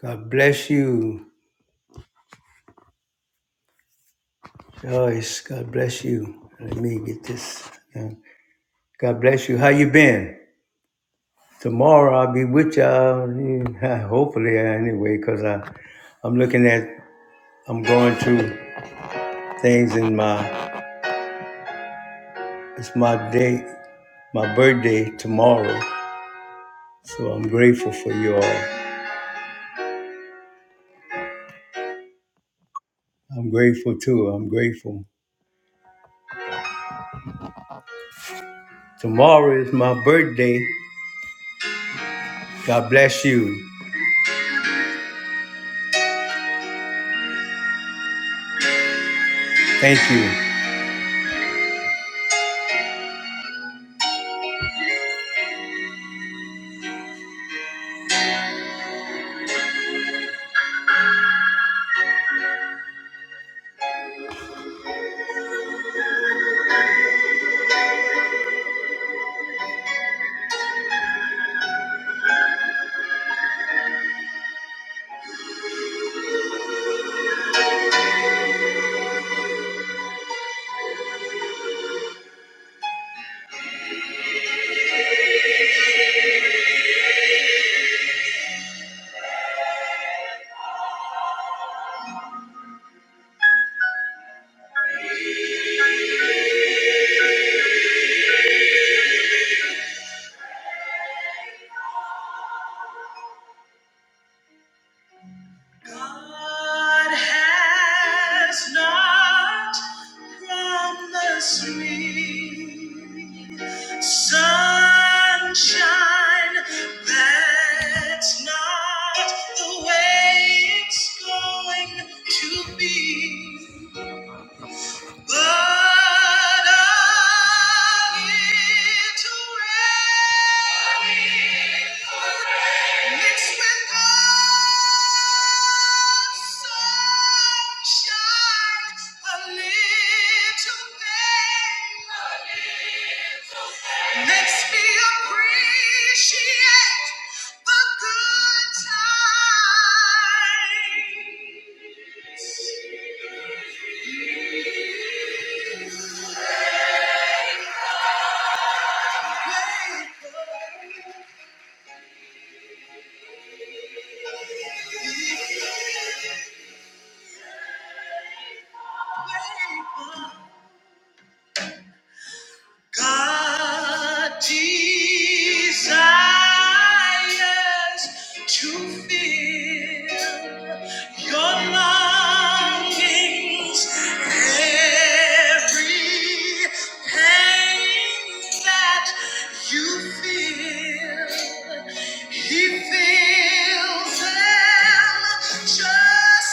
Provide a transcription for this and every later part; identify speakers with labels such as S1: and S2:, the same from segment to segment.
S1: God bless you, Joyce. God bless you. Let me get this. done. God bless you. How you been? Tomorrow I'll be with y'all. yeah, Hopefully, anyway, because I, I'm looking at, I'm going through things in my, it's my day, my birthday tomorrow. So I'm grateful for you all. I'm grateful too. I'm grateful. Tomorrow is my birthday. God bless you. Thank you. God has not promised me sunshine. That's not the way it's going to be. But a little rain mixed with God. Makes me appreciate the good times. God desires to fill your longings, every pain that you feel, He fills them just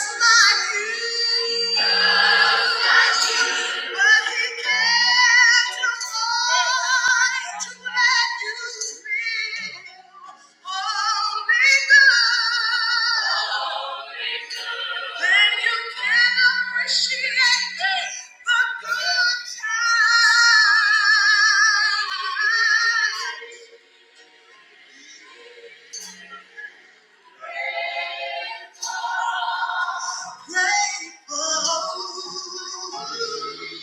S1: Appreciate the good times. Grateful.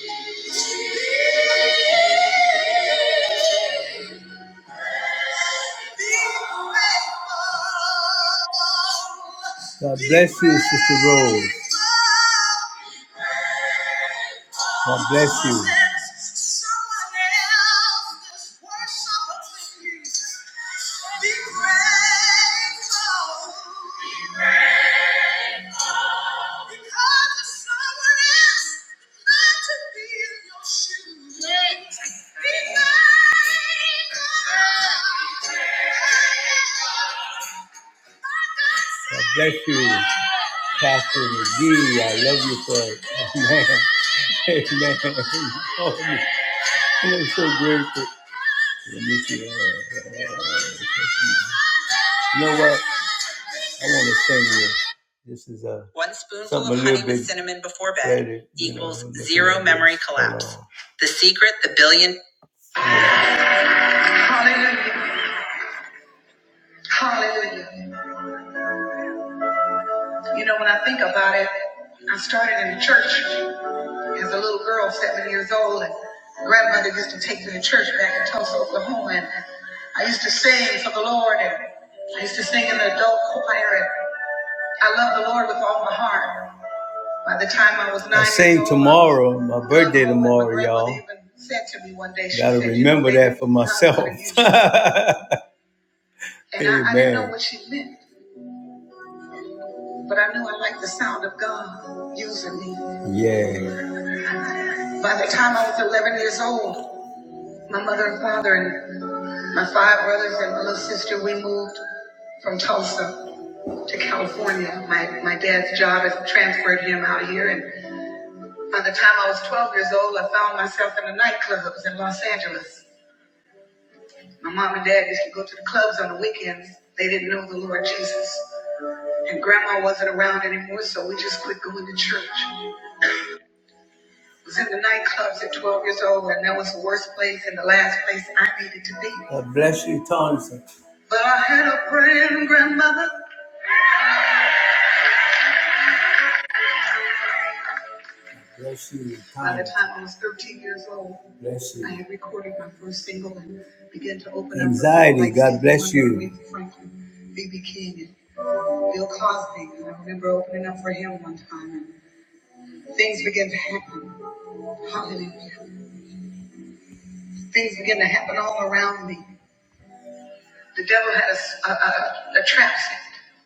S1: God bless you, Sister Rose. God bless you. God bless you, Pastor McGee. I love you for it. Amen. Amen. Oh, I'm so grateful. Let me see. You know what? I want to sing this. This is a one spoonful of honey with cinnamon before bed better, equals know, zero memory this. Hold collapse. on. The secret, the billion. Hallelujah! Hallelujah! You know when I think about it, I started in the church as a little girl, seven years old, and grandmother used to take me to church back in Tulsa, Oklahoma, and I used to sing for the Lord, and I used to sing in the adult choir, and I love the Lord with all my heart. By the time I was nine I sing tomorrow, my birthday um, tomorrow, y'all. said to me one day. She Gotta said, remember that for myself. going And I, I didn't know what she meant, but I knew I liked the sound of God using me. Yeah. By the time I was 11 years old, my mother and father and my five brothers and my little sister, we moved from Tulsa to California. My, my dad's job has transferred him out here, and By the time I was 12 years old, I found myself in the nightclubs in Los Angeles. My mom and dad used to go to the clubs on the weekends. They didn't know the Lord Jesus. And grandma wasn't around anymore, so we just quit going to church. I was in the nightclubs at 12 years old, and that was the worst place and the last place I needed to be. God bless you, Thompson. But I had a praying grandmother Bless you. By the time I was 13 years old, Bless you, I had recorded my first single and began to open Anxiety, up Anxiety. like God bless you. Aretha Franklin, B.B. King, and Bill Cosby. And I remember opening up for him one time, and things began to happen. Hallelujah. Things began to happen all around me. The devil had a a, a, a trap set.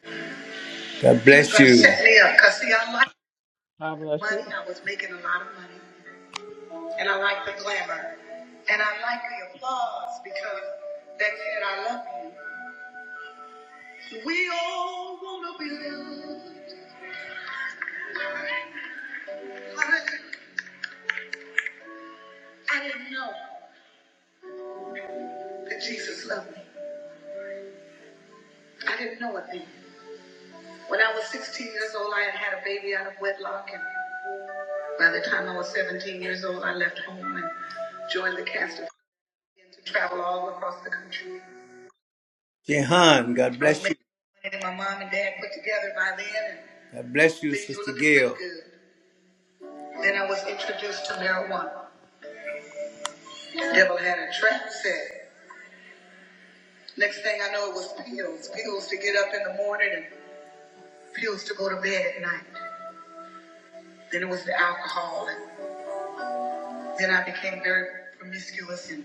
S1: God bless you. set me up because, see, I liked
S2: God
S1: the
S2: bless
S1: money.
S2: you.
S1: I was making a lot of money. and I like the glamour, and I like the applause because that said I love you. We all wanna be loved. Hallelujah. I didn't know that Jesus loved me. I didn't know it then. When I was 16 years old, I had had a baby out of wedlock, and by the time I was 17 years old, I left home and joined the cast of to travel all across the country. Jehan, God bless you. making my mom and dad put together by then, and God bless you, Sister Gail. Then I was introduced to marijuana. The Devil had a trap set. Next thing I know, it was pills. Pills to get up in the morning and pills to go to bed at night. Then it was the alcohol. And then I became very promiscuous and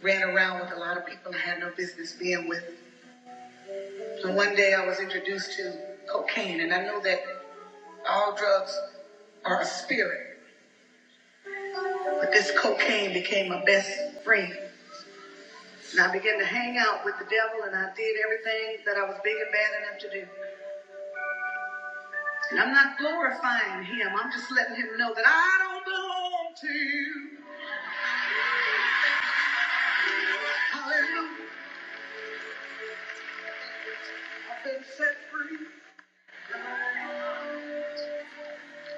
S1: ran around with a lot of people I had no business being with. And one day I was introduced to cocaine. And I know that all drugs are a spirit. But this cocaine became my best friend. And I began to hang out with the devil and I did everything that I was big and bad enough to do. And I'm not glorifying him. I'm just letting him know that I don't belong to you. Hallelujah. I've been set free.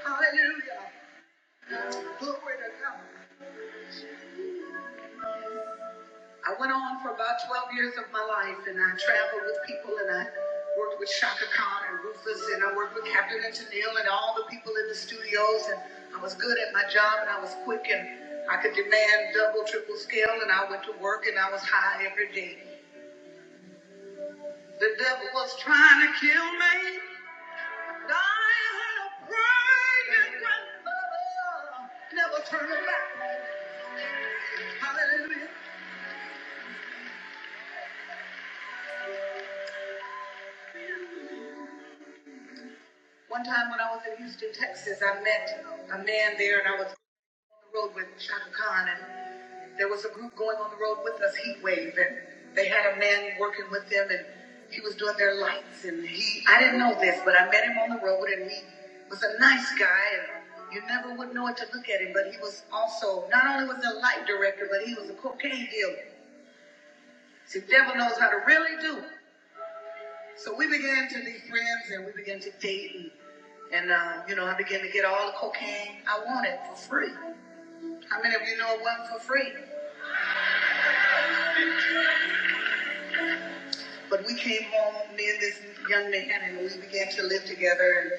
S1: Hallelujah. Glory to God. I went on for about 12 years of my life and I traveled with people and I worked with Shaka Khan and Rufus and I worked with Captain and Tennille and all the people in the studios and I was good at my job and I was quick and I could demand double, triple scale and I went to work and I was high every day. The devil was trying to kill me. And I had a praying grandmother. Never turn back. Hallelujah. One time when I was in Houston, Texas, I met a man there, and I was the road with Shaka Khan, and there was a group going on the road with us, Heat Wave, and they had a man working with them, and he was doing their lights, and he, I didn't know this, but I met him on the road, and he was a nice guy, and you never would know it to look at him, but he was also, not only was a light director, but he was a cocaine dealer. See, the devil knows how to really do. So we began to be friends, and we began to date, and and uh, you know, I began to get all the cocaine I wanted for free. How many of you know it wasn't for free? But we came home, me and this young man, and we began to live together.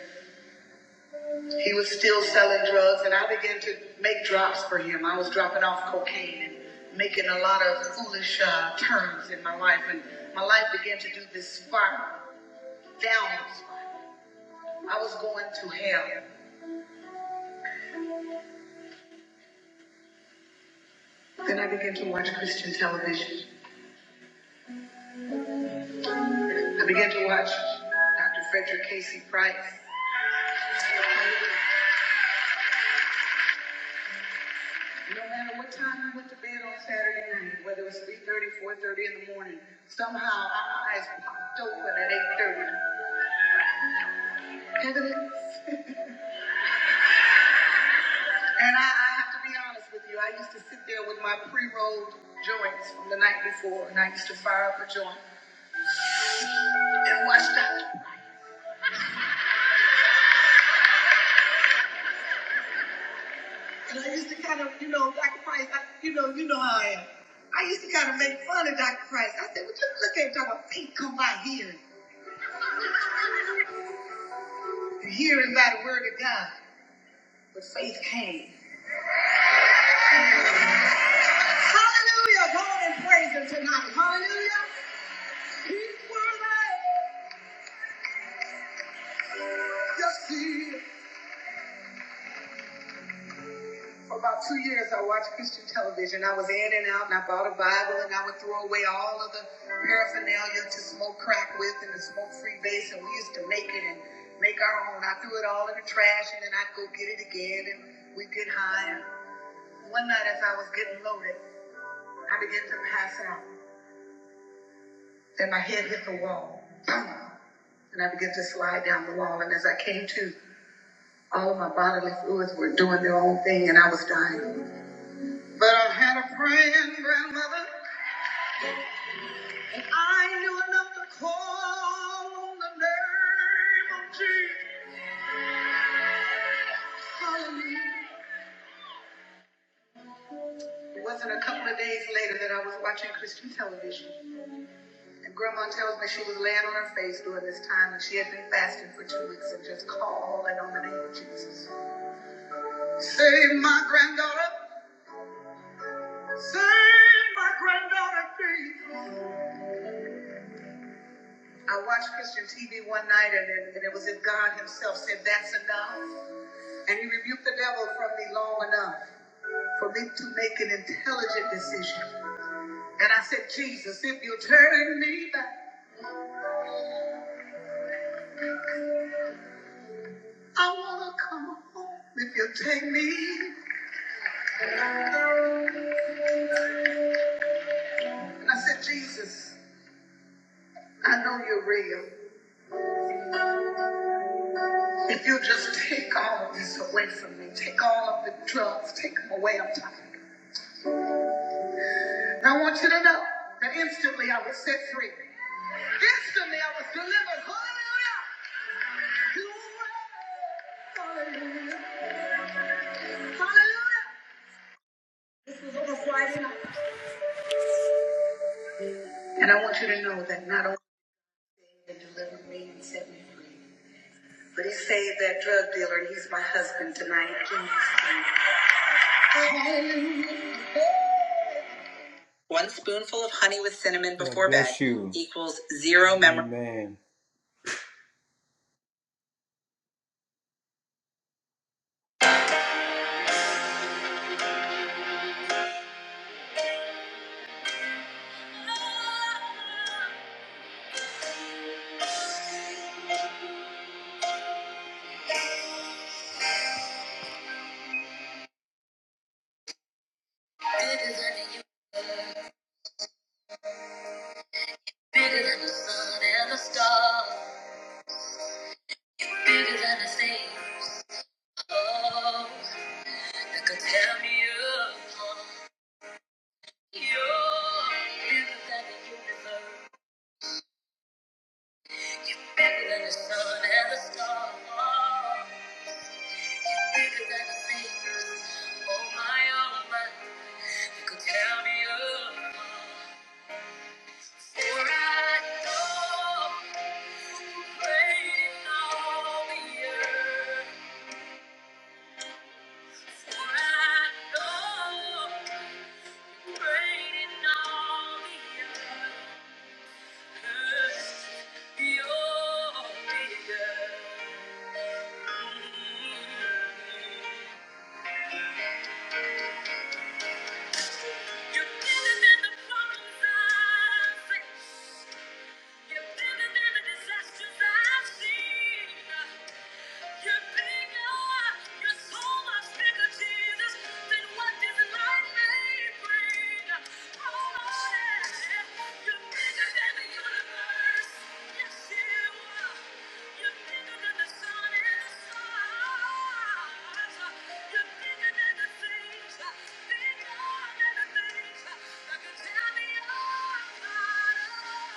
S1: And he was still selling drugs, and I began to make drops for him. I was dropping off cocaine and making a lot of foolish uh, turns in my life, and my life began to do this spiral, downward spiral. I was going to hell. Then I began to watch Christian television. I began to watch Dr. Frederick Casey Price. No matter what time we went to bed on Saturday night, whether it was three thirty, four thirty in the morning, somehow our eyes popped open at 8.30. and I, I have to be honest with you, I used to sit there with my pre-rolled joints from the night before, and I used to fire up a joint and watch that. And I used to kind of, you know, Dr. Price, I, you know, you know how I am. I used to kind of make fun of Dr. Price. I said, well, just look at Dr. Faith come by here. Hearing by the word of God. But faith came. Hallelujah. Go on and praise him tonight. Hallelujah. He's worthy. Yes, he is. For about two years, I watched Christian television. I was in and out, and I bought a Bible, and I would throw away all of the paraphernalia to smoke crack with and the smoke free base, and we used to make it and make our own. I threw it all in the trash, and then I'd go get it again, and we'd get high. And one night, as I was getting loaded, I began to pass out. Then my head hit the wall. Boom. And I began to slide down the wall. And as I came to, All my bodily fluids were doing their own thing and I was dying. But I had a friend, grandmother, and I knew enough to call on the name of Jesus. Hallelujah. It wasn't a couple of days later that I was watching Christian television. And grandma tells me she was laying on her face during this time and she had been fasting for two weeks and just calling on the name of Jesus. Save my granddaughter. Save my granddaughter, please. I watched Christian TV one night, and it, and it was if God Himself said, That's enough. And He rebuked the devil from me long enough for me to make an intelligent decision. And I said, Jesus, if you turn me back, I want to come home. If you take me, and I said, Jesus, I know you're real. If you just take all of this away from me, take all of the drugs, take them away. I'm tired. And I want you to know that instantly I was set free. Instantly I was delivered. Hallelujah. Hallelujah. Hallelujah. This was on a Friday night. And I want you to know that not only did he deliver me and set me free, but he saved that drug dealer and he's my husband tonight. Hallelujah. One spoonful of honey with cinnamon before bed you. equals zero memory. Amen. Bigger than the sun and the stars. You're bigger than the things Oh my own mind that could tear me apart. For I know you're waiting the earth. For I know you're waiting the earth. You're bigger. Mm-hmm. You're bigger than the problems I face. You're bigger than the disasters I've seen. You're bigger, you're so much bigger, Jesus, than what this life may bring. Oh, yeah. You're bigger than the universe. Yes, you are. You're bigger than the sun and the stars. You're bigger than the things, bigger than the things that could tear me apart. Thank you.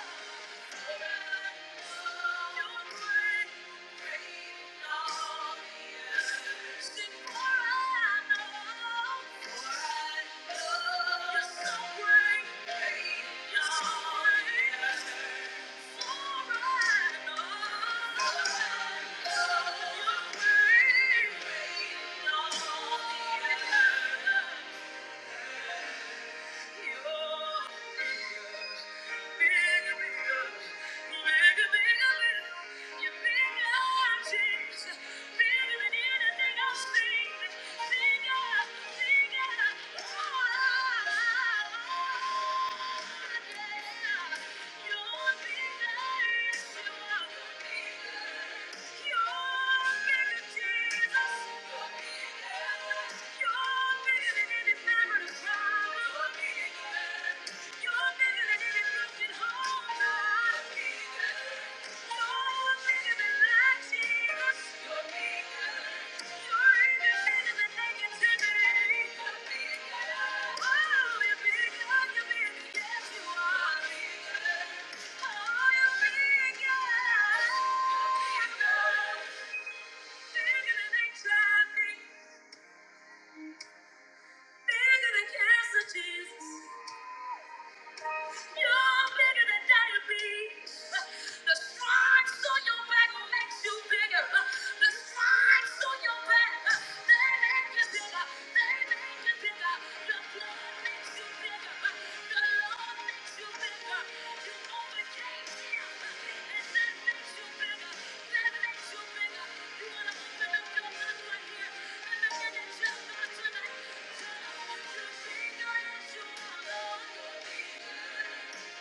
S1: You're bigger, Jesus. You're bigger. you You're Bigger than anxiety. Bigger than cancer, Jesus. You're bigger than diabetes. The stripes on your back makes you bigger. The stripes on your back, they make you bigger. They make you bigger. The blood makes you bigger. The Lord makes you bigger. Thank you.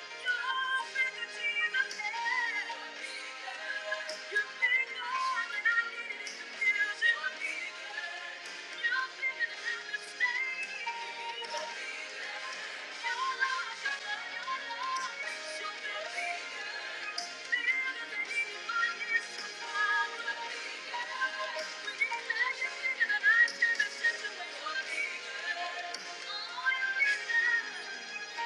S1: Thank you. You're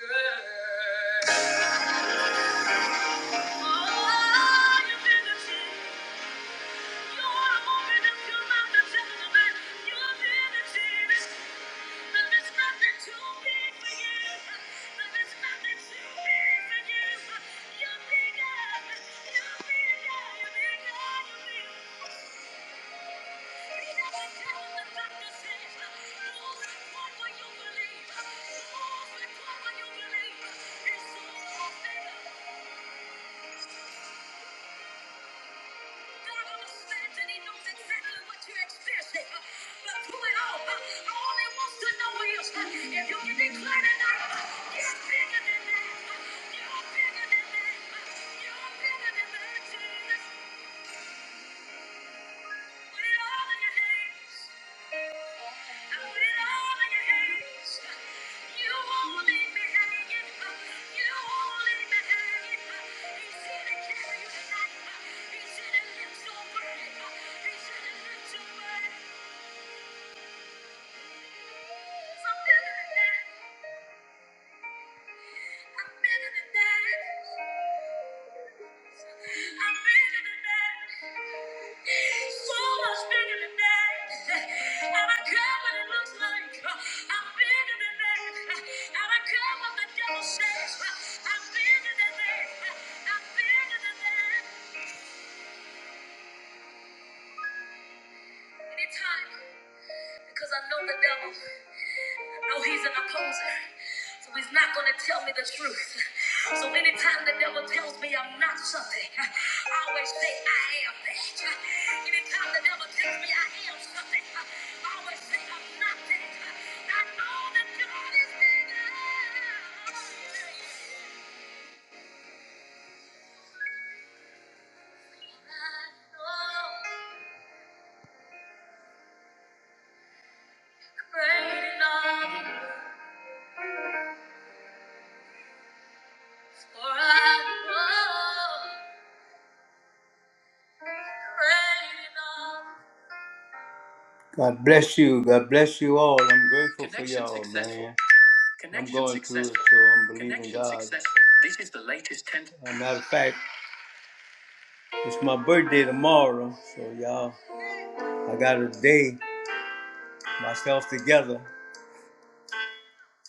S1: bigger. Oh, you're bigger. Thank you. God understands and He knows exactly what you're experiencing. Uh, But through it all, uh, all He wants to know is uh, if you can declare tonight, uh, you're bigger than that. Uh, You're bigger than that. Uh, You're bigger than that. Jesus. Thank you. I'm better than that. I'm better than that. So much better than that. And I care what it looks like. I'm better than that. And I care what the devil says. I'm better than that. I'm better than that. Anytime, because I know the devil. No, he's an opposer. So he's not going to tell me the truth. So anytime the devil tells me I'm not something, I always say I am that. Anytime the devil tells me I am something, I always say I'm not that. I know that God is bigger. I know great enough, for I know great enough. God bless you. God bless you all. I'm grateful for Connection y'all, successful. man. I'm Connection going through it, successful. so I'm believing Connection God. successful. This is the latest ten- As a matter of fact, it's my birthday tomorrow, so y'all, I got a day myself together.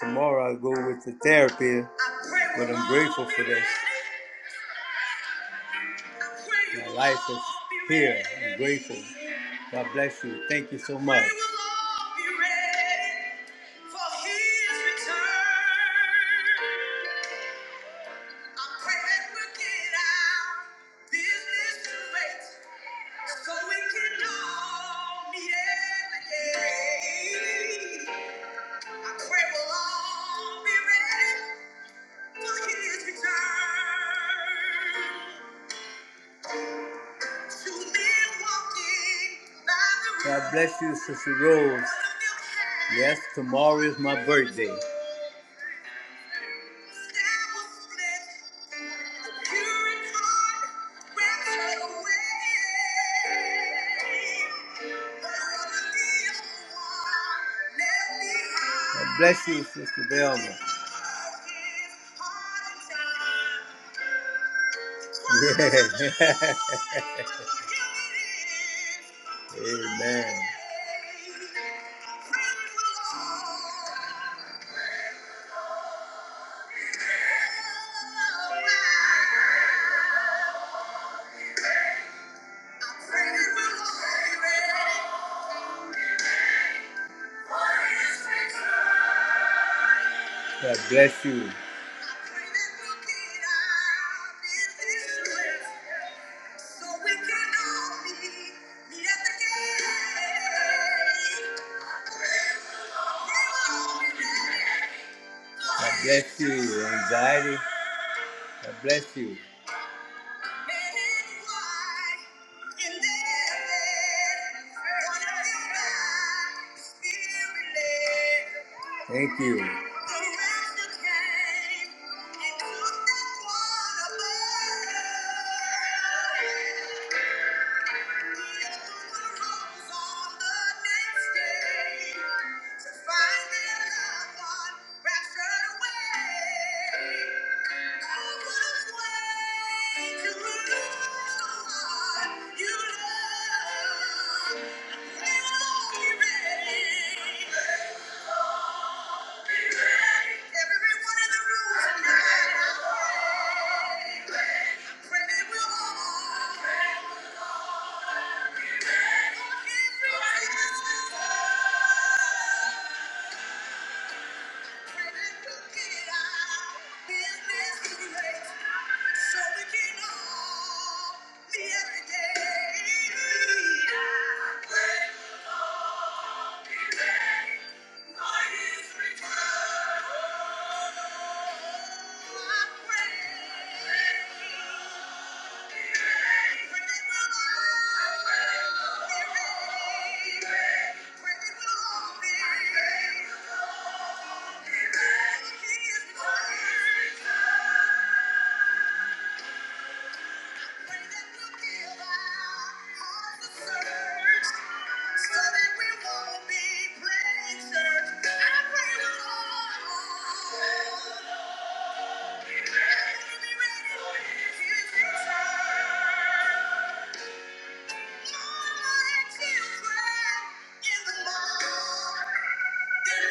S1: Tomorrow I go with the therapy, but I'm grateful for this. My life is here. I'm grateful. God bless you. Thank you so much. so God bless you, Sister Rose. Yes, tomorrow is my birthday. God bless you, Sister Velma. Yeah. Amen. God bless you. God bless you. Anxiety. God bless you. Thank you. So we can all be every day. Thank you. Thank you. Thank you.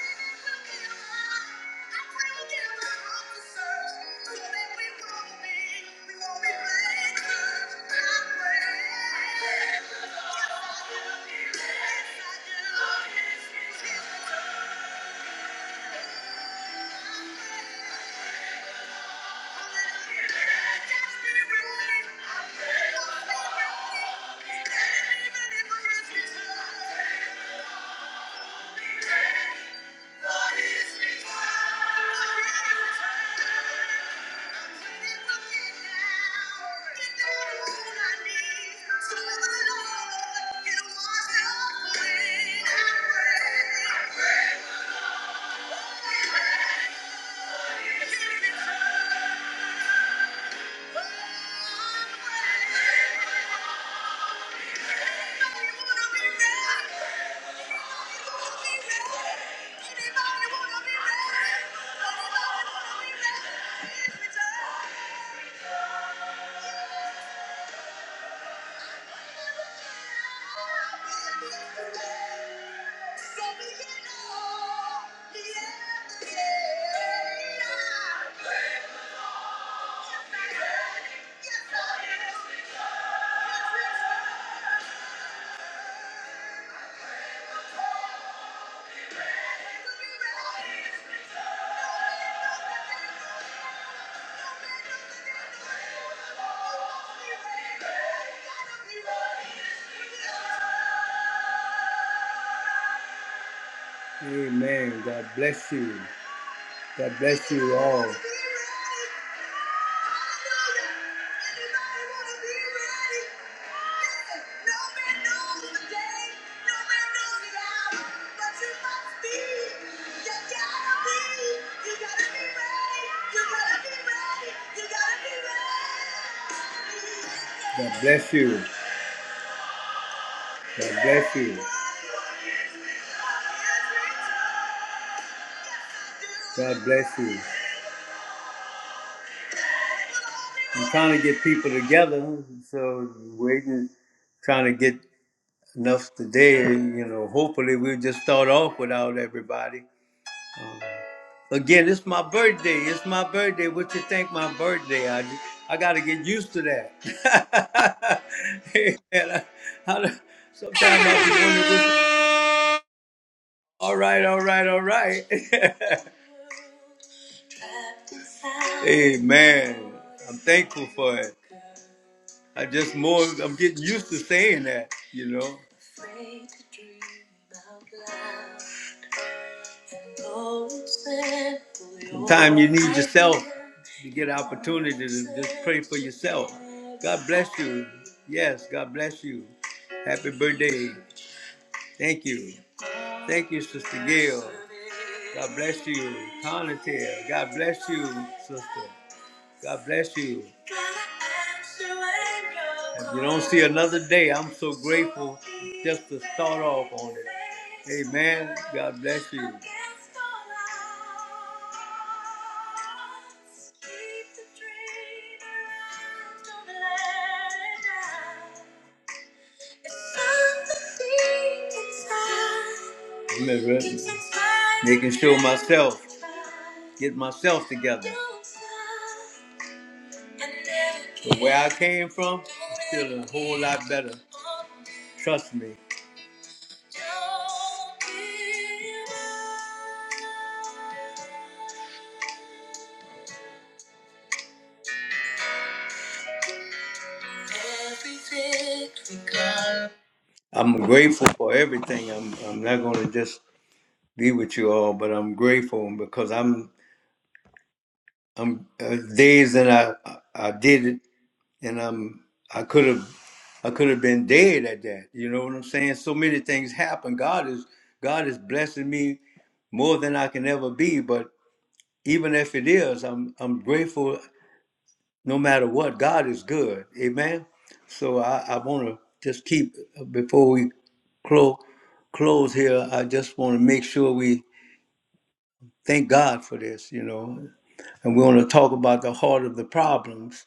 S1: Thank you. Thank you. Amen. God bless you. God bless you all. God bless you. God bless you. God bless you. I'm trying to get people together, so waiting, trying to get enough today. You know, hopefully we'll just start off without everybody. Again, it's my birthday. It's my birthday. What you think my birthday? I I got to get used to that. Hey, man, I, I, sometimes I'll be wondering what's all right, all right, all right. hey man, I'm thankful for it. I just more I'm getting used to saying that, you know. Sometimes you need yourself to get opportunity to just pray for yourself. God bless you. Yes, God bless you. Happy birthday. Thank you. Thank you, Sister Gail. God bless you. Conatel. God bless you, Sister. God bless you. If you don't see another day, I'm so grateful just to start off on it. Amen. God bless you. Keep the making sure myself, get myself together. But where I came from, it's still a whole lot better. Trust me. I'm grateful for everything. I'm I'm not gonna just be with you all, but I'm grateful because I'm I'm uh, days that I I did it, and I'm I could have I could have been dead at that. You know what I'm saying? So many things happen. God is God is blessing me more than I can ever be. But even if it is, I'm I'm grateful. No matter what, God is good. Amen. So I, I want to just keep uh, before we close close here. I just want to make sure we thank God for this. You know, and we want to talk about the heart of the problems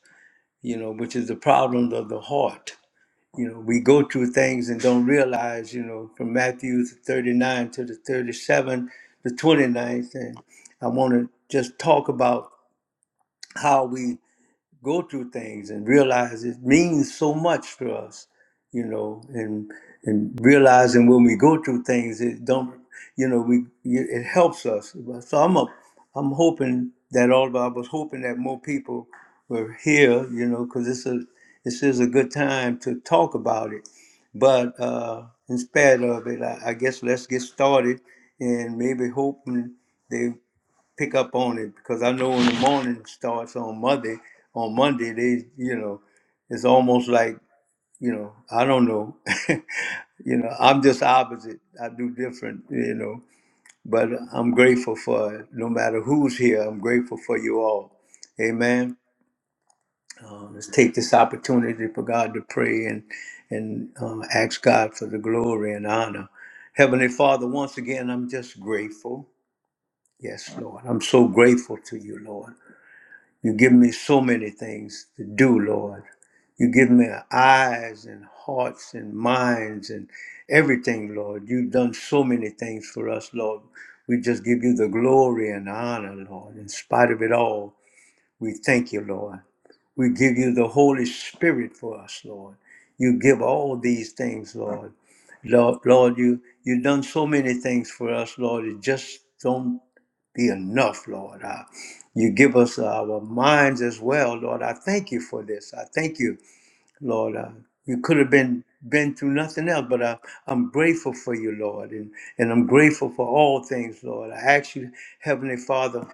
S1: you know, which is the problems of the heart. You know, we go through things and don't realize, you know, from Matthew 39 to the 37, the twenty ninth, And I want to just talk about how we go through things and realize it means so much to us, you know, and and realizing when we go through things, it don't, you know, we it helps us. So I'm a, I'm hoping that all of I was hoping that more people were here, you know, because this is this is a good time to talk about it. But uh, in spite of it, I, I guess let's get started and maybe hoping. they pick up on it because I know when the morning starts on Monday, on Monday they, you know, it's almost like, you know, I don't know, you know, I'm just opposite. I do different, you know, but I'm grateful for it. no matter who's here. I'm grateful for you all. Amen. Uh, Let's take this opportunity for God to pray and and uh, ask God for the glory and honor. Heavenly Father, once again, I'm just grateful. Yes, Lord. I'm so grateful to you, Lord. You give me so many things to do, Lord. You give me eyes and hearts and minds and everything, Lord. You've done so many things for us, Lord. We just give you the glory and honor, Lord, in spite of it all. We thank you, Lord. We give you the Holy Spirit for us, Lord. You give all these things, Lord. Lord, Lord you, you've done so many things for us, Lord. It just don't be enough, Lord. Uh, you give us our minds as well, Lord. I thank you for this. I thank you, Lord. Uh, you could have been been through nothing else, but I, I'm grateful for you, Lord, and, and I'm grateful for all things, Lord. I ask you, Heavenly Father,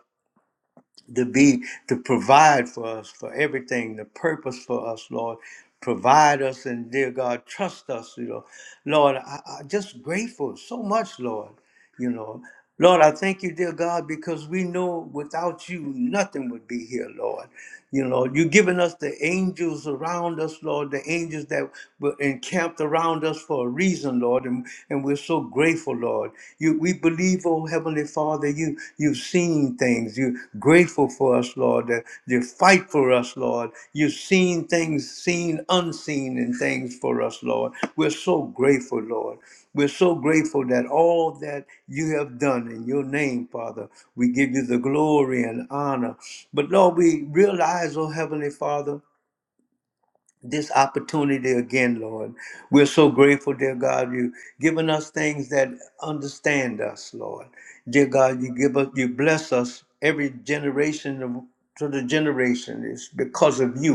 S1: to be to provide for us for everything, the purpose for us, Lord. Provide us and dear God, trust us, you know. Lord, I, I'm just grateful so much, Lord, you know. Lord, I thank you, dear God, because we know without you nothing would be here, Lord. You know, you have given us the angels around us, Lord, the angels that were encamped around us for a reason, Lord, and, and we're so grateful, Lord. You, we believe, oh Heavenly Father, you you've seen things. You're grateful for us, Lord. That you fight for us, Lord. You've seen things, seen unseen, and things for us, Lord. We're so grateful, Lord. We're so grateful that all that you have done in your name, Father, we give you the glory and honor. But Lord, we realize, oh Heavenly Father, this opportunity again, Lord. We're so grateful, dear God, you've given us things that understand us, Lord. Dear God, you give us, you bless us every generation of, to the generation. It's because of you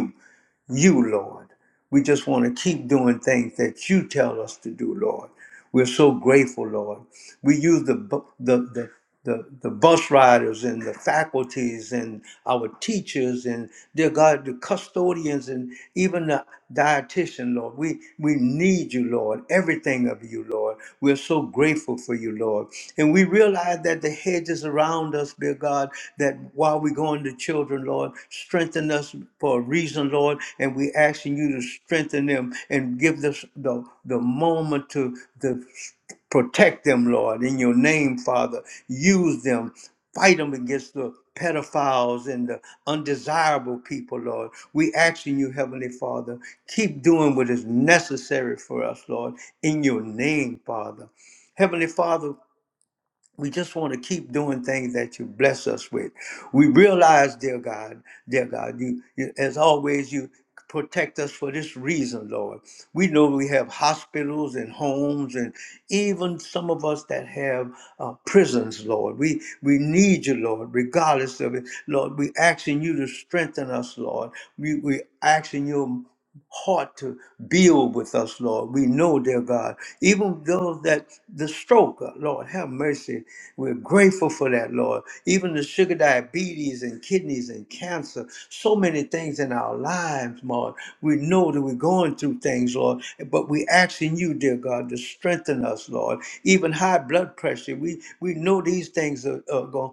S1: you, Lord. We just want to keep doing things that you tell us to do, Lord. We're so grateful, Lord. We use the bu- the the the, the bus riders and the faculties and our teachers and dear God the custodians and even the dietitian Lord we we need you need you, Lord, everything of you, Lord. We're so grateful for you, Lord. And we realize that the hedges around us, dear God, that while we're going to children, Lord, strengthen us for a reason, Lord. And we're asking you to strengthen them and give us the, the moment to the Protect them, Lord, in your name, Father. Use them. Fight them against the pedophiles and the undesirable people, Lord. We ask in you, Heavenly Father, keep doing what is necessary for us, Lord, in your name, Father. Heavenly Father, we just want to keep doing things that you bless us with. We realize, dear God, dear God, you, you as always, you protect us for this reason, Lord. We know we have hospitals and homes, and even some of us that have uh, prisons, Lord. We we need you, Lord, regardless of it, Lord. We asking you to strengthen us, Lord. We we asking you heart to build with us, Lord. We know, dear God, even those that the stroke, uh, Lord, have mercy. We're grateful for that, Lord. Even the sugar diabetes and kidneys and cancer, so many things in our lives, Lord. We know that we're going through things, Lord, but we're asking you, dear God, to strengthen us, Lord. Even high blood pressure, we we know these things are, are going,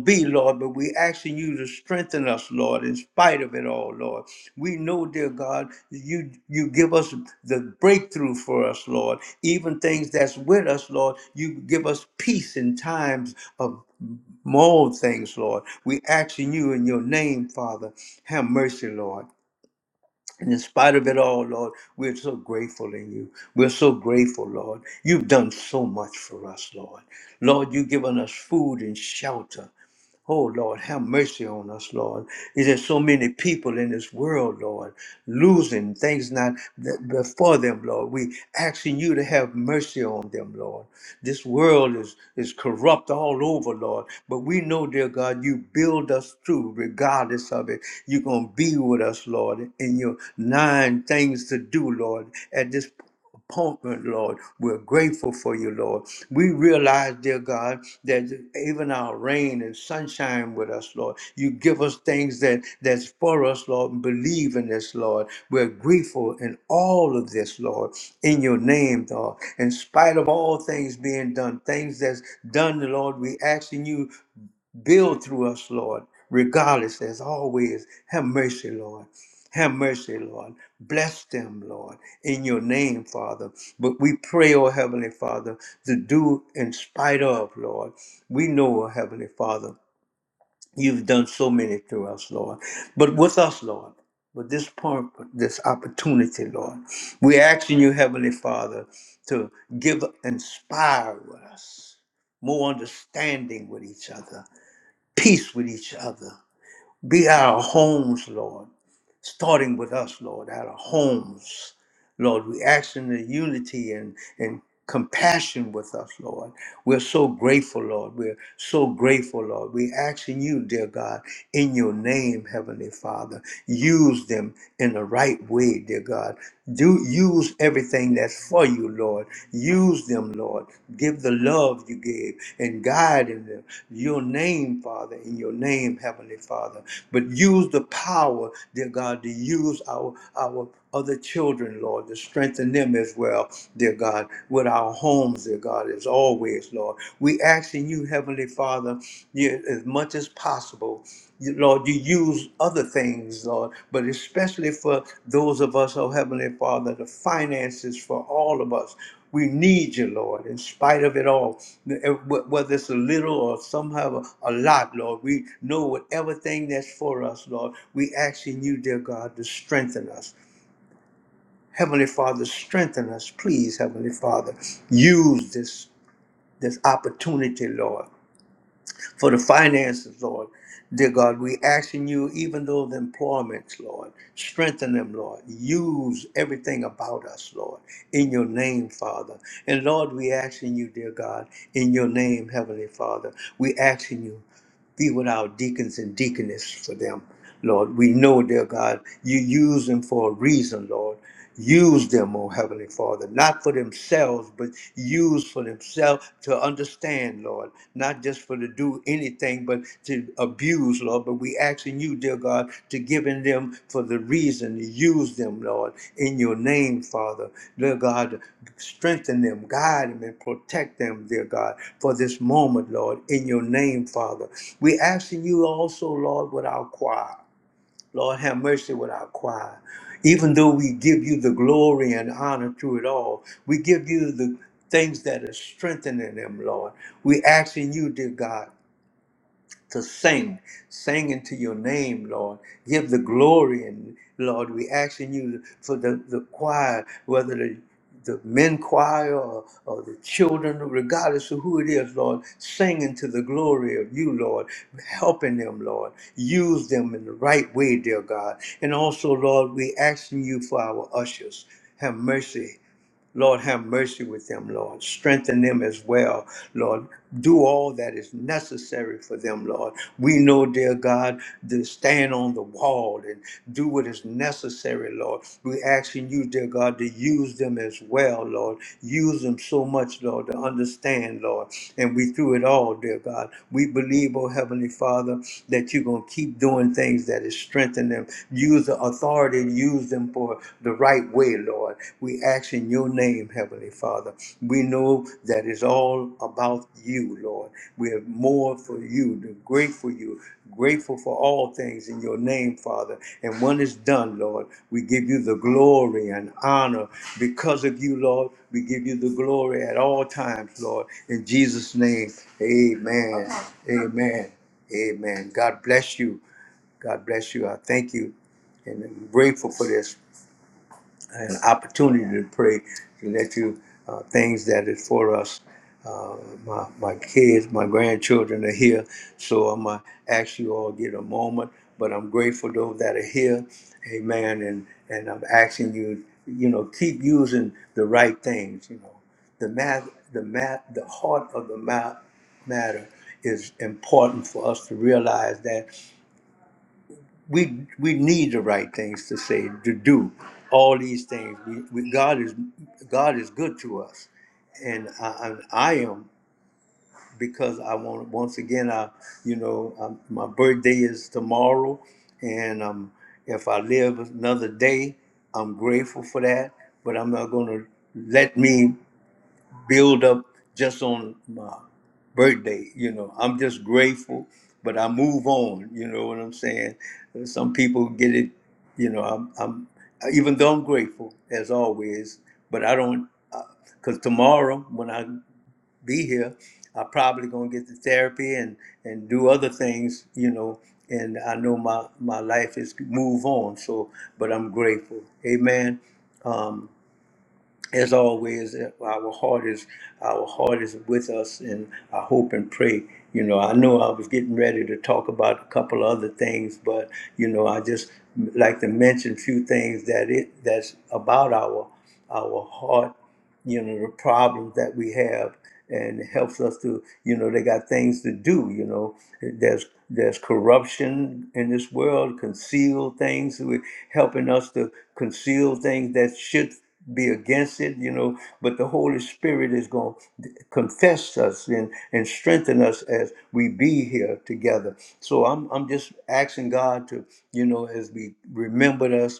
S1: to be, Lord, but we asking you to strengthen us, Lord, in spite of it all, Lord. We know, dear God, you you give us the breakthrough for us, Lord. Even things that's with us, Lord, you give us peace in times of more things, Lord. We asking you in your name, Father. Have mercy, Lord. And in spite of it all, Lord, we're so grateful in you. We're so grateful, Lord. You've done so much for us, Lord. Lord, you've given us food and shelter. Oh Lord, have mercy on us, Lord. Is there so many people in this world, Lord, losing things not th- before them, Lord? We asking you to have mercy on them, Lord. This world is is corrupt all over, Lord. But we know, dear God, you build us through, regardless of it. You're gonna be with us, Lord, in your nine things to do, Lord. At this appointment, Lord. We're grateful for you, Lord. We realize, dear God, that even our rain and sunshine with us, Lord. You give us things that that's for us, Lord. and Believe in this, Lord. We're grateful in all of this, Lord, in your name, Lord. In spite of all things being done, things that's done, Lord, we asking you Build through us, Lord, regardless, as always. Have mercy, Lord. Have mercy, Lord. Bless them, Lord, in your name, Father. But we pray, oh Heavenly Father, to do in spite of, Lord. We know, oh Heavenly Father, you've done so many through us, Lord. But with us, Lord, with this part, this opportunity, Lord, we're asking you, Heavenly Father, to give, inspire us more understanding with each other peace with each other. Be our homes, Lord, starting with us, Lord, at our homes. Lord, we ask in the unity and, and compassion with us, Lord. We're so grateful, Lord. We're so grateful, Lord. We ask in you, dear God, in your name, Heavenly Father. Use them in the right way, dear God. Do use everything that's for you, Lord. Use them, Lord. Give the love you gave and guide in them. Your name, Father, in your name, Heavenly Father. But use the power, dear God, to use our our other children, Lord, to strengthen them as well, dear God, with our homes, dear God, as always, Lord. We ask in you, Heavenly Father, you- as much as possible, you- Lord, you use other things, Lord, but especially for those of us, oh Heavenly Father, the finances for all of us. We need you, Lord, in spite of it all. Eh, Wh- Whether it's a little or somehow a lot, Lord, we know whatever thing that's for us, Lord, we ask in you, dear God, to strengthen us. Heavenly Father, strengthen us, please, Heavenly Father. Use this this opportunity, Lord, for the finances, Lord. Dear God, we asking you, even though the employments, Lord, strengthen them, Lord. Use everything about us, Lord, in your name, Father. And Lord, we asking you, dear God, in your name, Heavenly Father, we asking you. Be with our deacons and deaconess for them, Lord. We know, dear God, you use them for a reason, Lord. Use them, oh Heavenly Father, not for themselves, but use for themselves to understand, Lord. Not just for to do anything, but to abuse, Lord but we asking you, dear God, to give in them for the reason to use them, Lord, in your name, Father. Dear God, strengthen them, guide them, and protect them, dear God, for this moment, Lord, in your name, Father. We asking you also, Lord, with our choir. Lord, have mercy with our choir. Even though we give you the glory and honor through it all, we give you the things that are strengthening them, Lord. We asking you, dear God to sing, sing into your name, Lord. Give the glory, and Lord, we asking you for the, the choir, whether the the men choir or, or the children, regardless of who it is, Lord, singing to the glory of you, Lord, helping them, Lord. Use them in the right way, dear God. And also, Lord, we asking you for our ushers. Have mercy. Lord, have mercy with them, Lord. Strengthen them as well, Lord. Do all that is necessary for them, Lord. We know, dear God, to stand on the wall and do what is necessary, Lord. We're asking you, dear God, to use them as well, Lord. Use them so much, Lord, to understand, Lord. And we through it all, dear God, we believe, oh Heavenly Father, that you're going to keep doing things that is strengthening them. Use the authority, use use them for the right way, Lord. We ask in your name, Heavenly Father. We know that it's all about you, Lord. We are more for you, to grateful you, grateful for all things in your name, Father. And when it's done, Lord, we give you the glory and honor because of you, Lord. We give you the glory at all times, Lord. In Jesus' name, amen. Amen. Amen. God bless you. God bless you. I thank you and I'm grateful for this an opportunity to pray to let you uh, things that is for us. Uh, my my kids, my grandchildren are here, so I'm gonna ask you all get a moment. But I'm grateful to those that are here, Amen. And and I'm asking you, you know, keep using the right things. You know, the math, the math, the heart of the math matter is important for us to realize that we we need the right things to say to do all these things we, we god is god is good to us and i i, I am because i want once again i you know um my birthday is tomorrow and um if i live another day i'm grateful for that but i'm not going to let me build up just on my birthday. You know, I'm just grateful, but I move on. You know what I'm saying? Some people get it. You know, I'm, I'm even though I'm grateful as always, but I don't because tomorrow when I be here, I probably gonna get the therapy and and do other things. You know. And I know my, my life is move on, so but I'm grateful. Amen as always, our heart is our heart is with us, and I hope and pray. You know, I know I was getting ready to talk about a couple other things, but you know, I just like to mention a few things that it that's about our our heart you know the problems that we have and it helps us to you know they got things to do you know there's there's corruption in this world conceal things we helping us to conceal things that should be against it you know but the holy spirit is going to confess us and and strengthen us as we be here together so i'm i'm just asking god to you know as we remembered us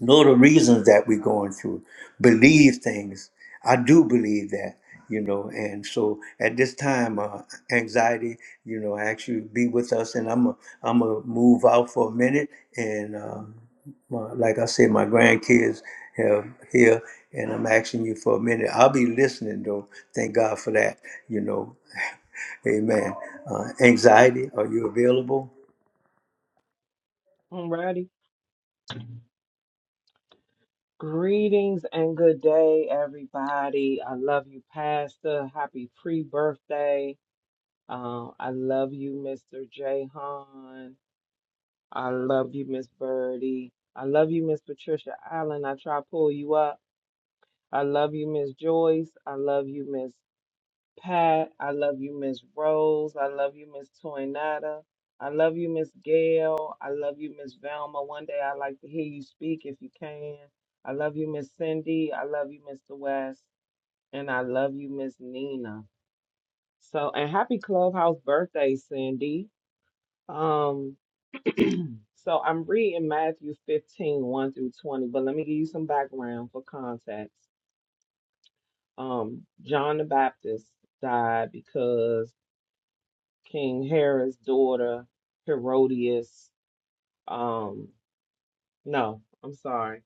S1: know the reasons that we're going through believe things i do believe that you know and so at this time uh, anxiety you know actually be with us and i'm a, i'm gonna move out for a minute and uh, my, like i said my grandkids have here and i'm asking you for a minute i'll be listening though thank god for that you know amen uh, anxiety are you available
S2: Alrighty. Greetings and good day, everybody. I love you, Pastor. Happy pre-birthday. Um, I love you, Mr. Jahan. I love you, Miss Birdie. I love you, Miss Patricia Allen. I try to pull you up. I love you, Miss Joyce. I love you, Miss Pat. I love you, Miss Rose. I love you, Miss Toynata. I love you, Miss Gail. I love you, Miss Velma. One day I'd like to hear you speak if you can. I love you, Miss Cindy. I love you, Mr. West. And I love you, Miss Nina. So, and happy Clubhouse birthday, Cindy. Um, so I'm reading Matthew 15, 1 through 20, but let me give you some background for context. Um, John the Baptist died because King Herod's daughter, Herodias. Um, no, I'm sorry.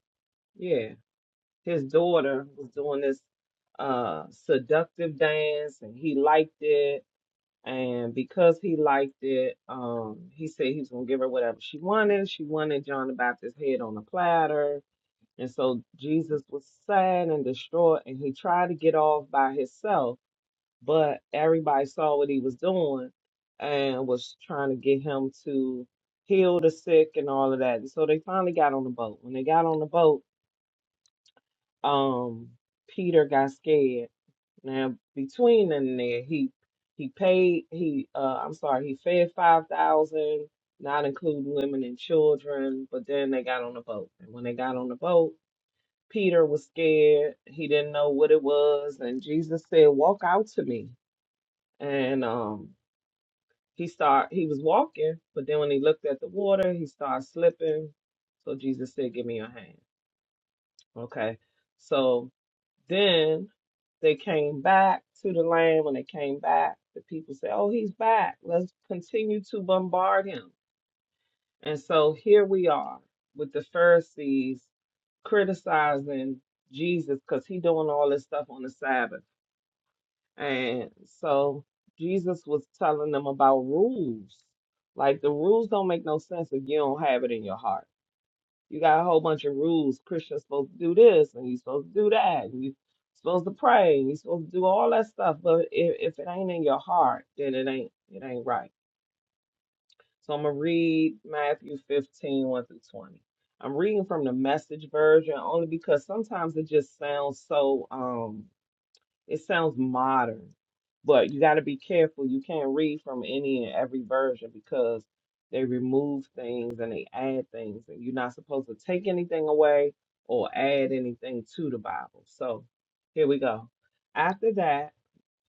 S2: Yeah, his daughter was doing this uh seductive dance, and he liked it. And because he liked it, um, he said he was gonna give her whatever she wanted. She wanted John the Baptist's head on a platter. And so Jesus was sad and distraught, and he tried to get off by himself but everybody saw what he was doing and was trying to get him to heal the sick and all of that. And so they finally got on the boat. When they got on the boat, um, Peter got scared. Now between then and there, he he paid he uh I'm sorry, he fed five thousand, not including women and children. But then they got on the boat, and when they got on the boat. Peter was scared. He didn't know what it was. And Jesus said, Walk out to me. And um He start he was walking, but then when he looked at the water, he started slipping. So Jesus said, Give me your hand. Okay. So then they came back to the land. When they came back, the people said, Oh, he's back. Let's continue to bombard him. And so here we are with the Pharisees criticizing Jesus because he doing all this stuff on the Sabbath. And so Jesus was telling them about rules. Like the rules don't make no sense if you don't have it in your heart. You got a whole bunch of rules. Christians supposed to do this and you supposed to do that. And you supposed to pray and you supposed to do all that stuff. But if, if it ain't in your heart, then it ain't it ain't right. So I'm gonna read Matthew 15, one through 20. I'm reading from the message version only because sometimes it just sounds so um it sounds modern, but you got to be careful. You can't read from any and every version because they remove things and they add things, and you're not supposed to take anything away or add anything to the Bible. So here we go. After that,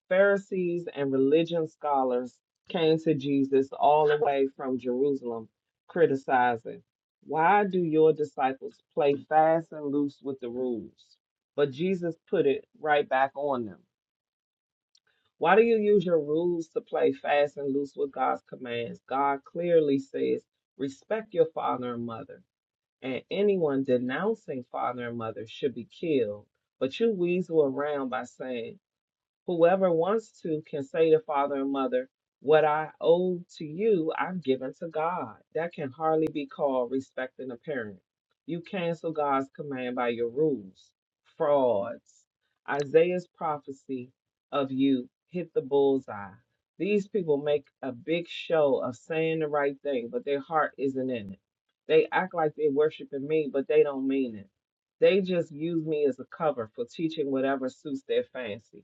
S2: Pharisees and religion scholars came to Jesus all the way from Jerusalem, criticizing, Why do your disciples play fast and loose with the rules? But Jesus put it right back on them. Why do you use your rules to play fast and loose with God's commands? God clearly says, respect your father and mother, and anyone denouncing father and mother should be killed. But you weasel around by saying, Whoever wants to can say to father and mother, What I owe to you, I've given to God. That can hardly be called respecting a parent. You cancel God's command by your rules, frauds. Isaiah's prophecy of you hit the bullseye. These people make a big show of saying the right thing, but their heart isn't in it. They act like they're worshiping me, but they don't mean it. They just use me as a cover for teaching whatever suits their fancy.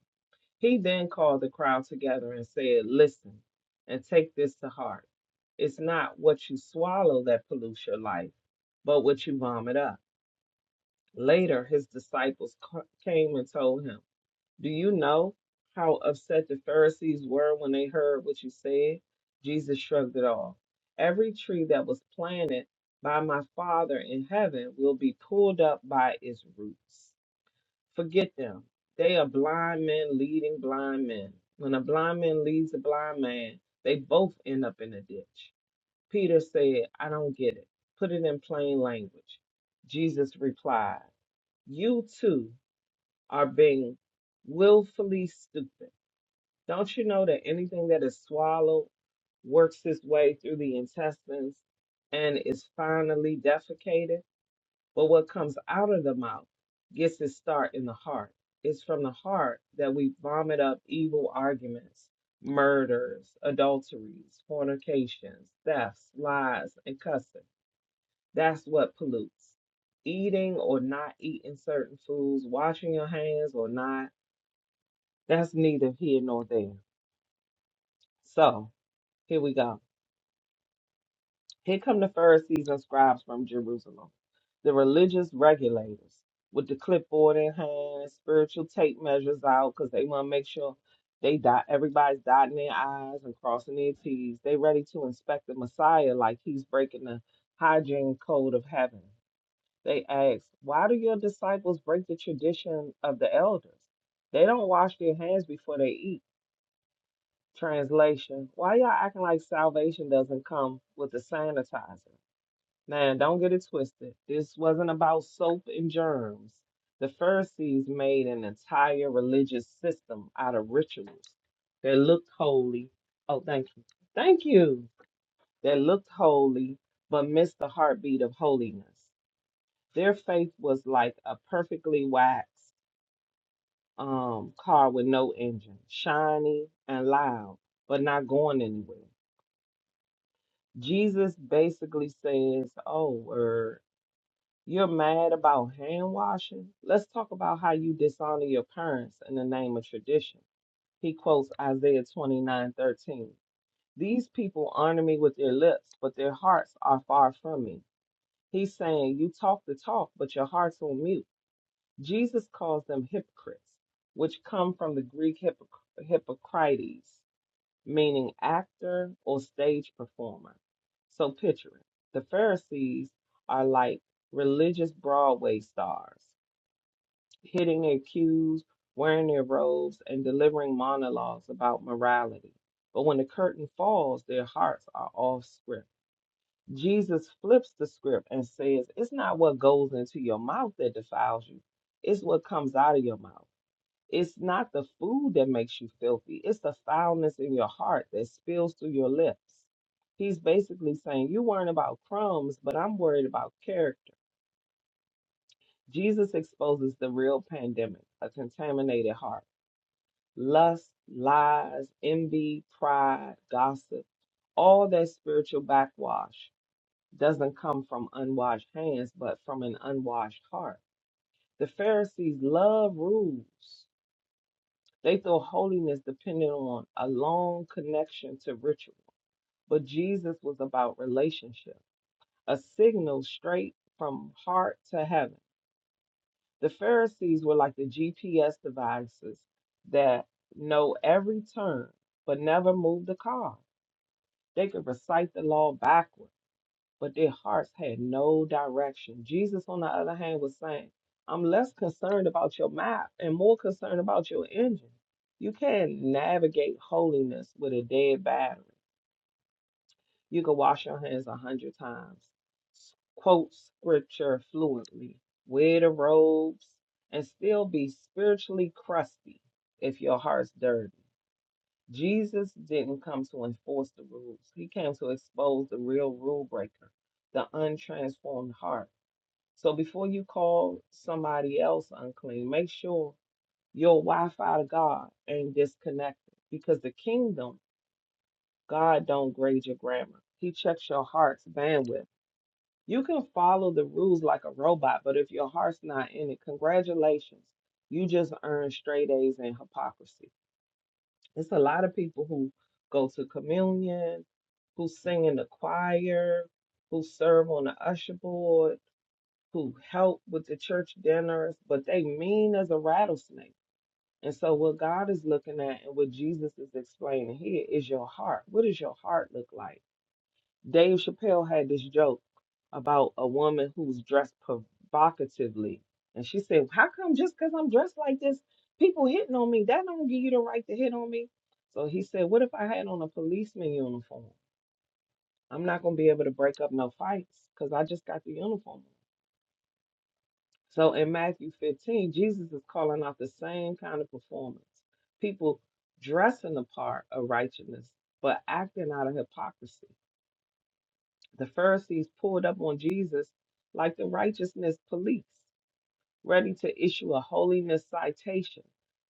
S2: He then called the crowd together and said, Listen and take this to heart. It's not what you swallow that pollutes your life, but what you vomit up. Later, his disciples ca- came and told him, Do you know how upset the Pharisees were when they heard what you said? Jesus shrugged it off. Every tree that was planted by my Father in heaven will be pulled up by its roots. Forget them. They are blind men leading blind men. When a blind man leads a blind man, they both end up in a ditch. Peter said, I don't get it. Put it in plain language. Jesus replied, You too are being willfully stupid. Don't you know that anything that is swallowed works its way through the intestines and is finally defecated? But what comes out of the mouth gets its start in the heart. It's from the heart that we vomit up evil arguments, murders, adulteries, fornications, thefts, lies, and cussing. That's what pollutes. Eating or not eating certain foods, washing your hands or not, that's neither here nor there. So, here we go. Here come the Pharisees and scribes from Jerusalem, the religious regulators with the clipboard in hand, spiritual tape measures out because they want to make sure they dot everybody's dotting their I's and crossing their T's. They ready to inspect the Messiah like he's breaking the hygiene code of heaven. They ask, why do your disciples break the tradition of the elders? They don't wash their hands before they eat. Translation, why y'all acting like salvation doesn't come with the sanitizer? Now, don't get it twisted. This wasn't about soap and germs. The Pharisees made an entire religious system out of rituals that looked holy. Oh, thank you. Thank you. That looked holy, but missed the heartbeat of holiness. Their faith was like a perfectly waxed um, car with no engine, shiny and loud, but not going anywhere. Jesus basically says, Oh, word. You're mad about hand washing? Let's talk about how you dishonor your parents in the name of tradition. He quotes Isaiah 29:13. These people honor me with their lips, but their hearts are far from me. He's saying, You talk the talk, but your heart's on mute. Jesus calls them hypocrites, which come from the Greek hypoc- hypocrites, meaning actor or stage performer. So picture it. The Pharisees are like religious Broadway stars, hitting their cues, wearing their robes, and delivering monologues about morality. But when the curtain falls, their hearts are off script. Jesus flips the script and says, It's not what goes into your mouth that defiles you, it's what comes out of your mouth. It's not the food that makes you filthy, it's the foulness in your heart that spills through your lips. He's basically saying, You're worrying about crumbs, but I'm worried about character. Jesus exposes the real pandemic a contaminated heart, lust, lies, envy, pride, gossip. All that spiritual backwash doesn't come from unwashed hands, but from an unwashed heart. The Pharisees love rules They thought holiness depended on a long connection to ritual, but Jesus was about relationship, a signal straight from heart to heaven. The Pharisees were like the GPS devices that know every turn but never move the car. They could recite the law backwards but their hearts had no direction. Jesus, on the other hand, was saying, I'm less concerned about your map and more concerned about your engine. You can't navigate holiness with a dead battery. You can wash your hands a hundred times, quote scripture fluently, wear the robes, and still be spiritually crusty if your heart's dirty. Jesus didn't come to enforce the rules. He came to expose the real rule breaker, the untransformed heart. So before you call somebody else unclean, make sure your Wi-Fi to God ain't disconnected because the kingdom, God don't grade your grammar. He checks your heart's bandwidth. You can follow the rules like a robot, but if your heart's not in it, congratulations. You just earned straight A's in hypocrisy. It's a lot of people who go to communion, who sing in the choir, who serve on the usher board, who help with the church dinners, but they mean as a rattlesnake. And so, what God is looking at and what Jesus is explaining here is your heart. What does your heart look like? Dave Chappelle had this joke about a woman who's dressed provocatively. And she said, How come just because I'm dressed like this, people hitting on me? That don't give you the right to hit on me. So he said, What if I had on a policeman uniform? I'm not going to be able to break up no fights because I just got the uniform. on." So in Matthew 15, Jesus is calling out the same kind of performance. People dressing the part of righteousness, but acting out of hypocrisy. The Pharisees pulled up on Jesus like the righteousness police, ready to issue a holiness citation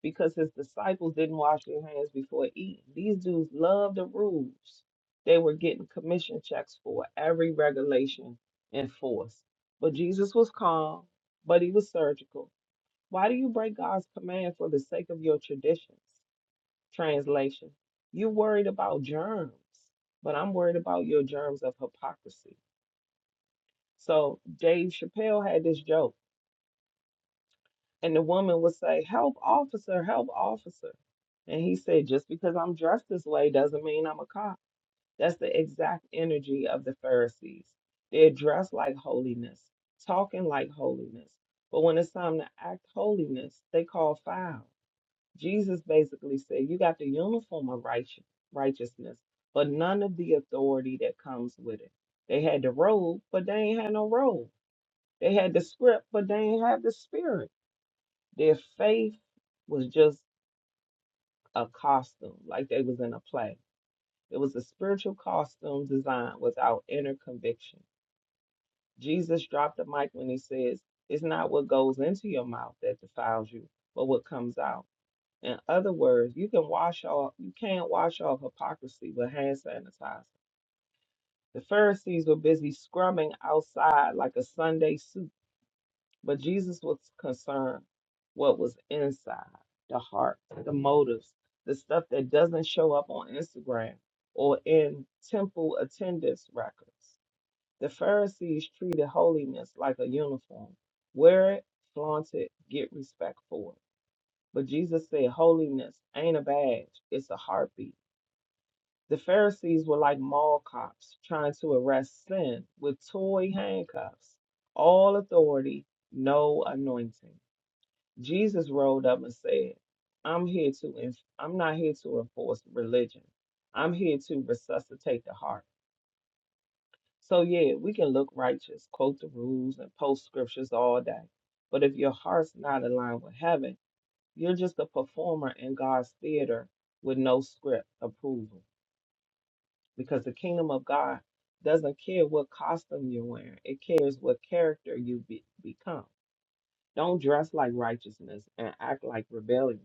S2: because his disciples didn't wash their hands before eating. These dudes loved the rules. They were getting commission checks for every regulation enforced. But Jesus was calm, but he was surgical. Why do you break God's command for the sake of your traditions? Translation You're worried about germs, but I'm worried about your germs of hypocrisy. So Dave Chappelle had this joke, and the woman would say, "Help, officer! Help, officer!" And he said, "Just because I'm dressed this way doesn't mean I'm a cop." That's the exact energy of the Pharisees. They're dressed like holiness, talking like holiness, but when it's time to act holiness, they call foul. Jesus basically said, "You got the uniform of righteous, righteousness, but none of the authority that comes with it." They had the robe, but they ain't had no robe. They had the script, but they ain't had the spirit. Their faith was just a costume, like they was in a play. It was a spiritual costume designed without inner conviction. Jesus dropped the mic when he says, It's not what goes into your mouth that defiles you, but what comes out. In other words, you can wash off you can't wash off hypocrisy with hand sanitizer. The Pharisees were busy scrumming outside like a Sunday But Jesus was concerned what was inside, the heart, the motives, the stuff that doesn't show up on Instagram or in temple attendance records. The Pharisees treated holiness like a uniform. Wear it, flaunt it, get respect for it. But Jesus said holiness ain't a badge, it's a heartbeat. The Pharisees were like mall cops trying to arrest sin with toy handcuffs. All authority, no anointing. Jesus rolled up and said, I'm here to enf- I'm not here to enforce religion. I'm here to resuscitate the heart. So yeah, we can look righteous, quote the rules and post scriptures all day. But if your heart's not aligned with heaven, you're just a performer in God's theater with no script approval. Because the kingdom of God doesn't care what costume you're wearing. It cares what character you be- become. Don't dress like righteousness and act like rebellion.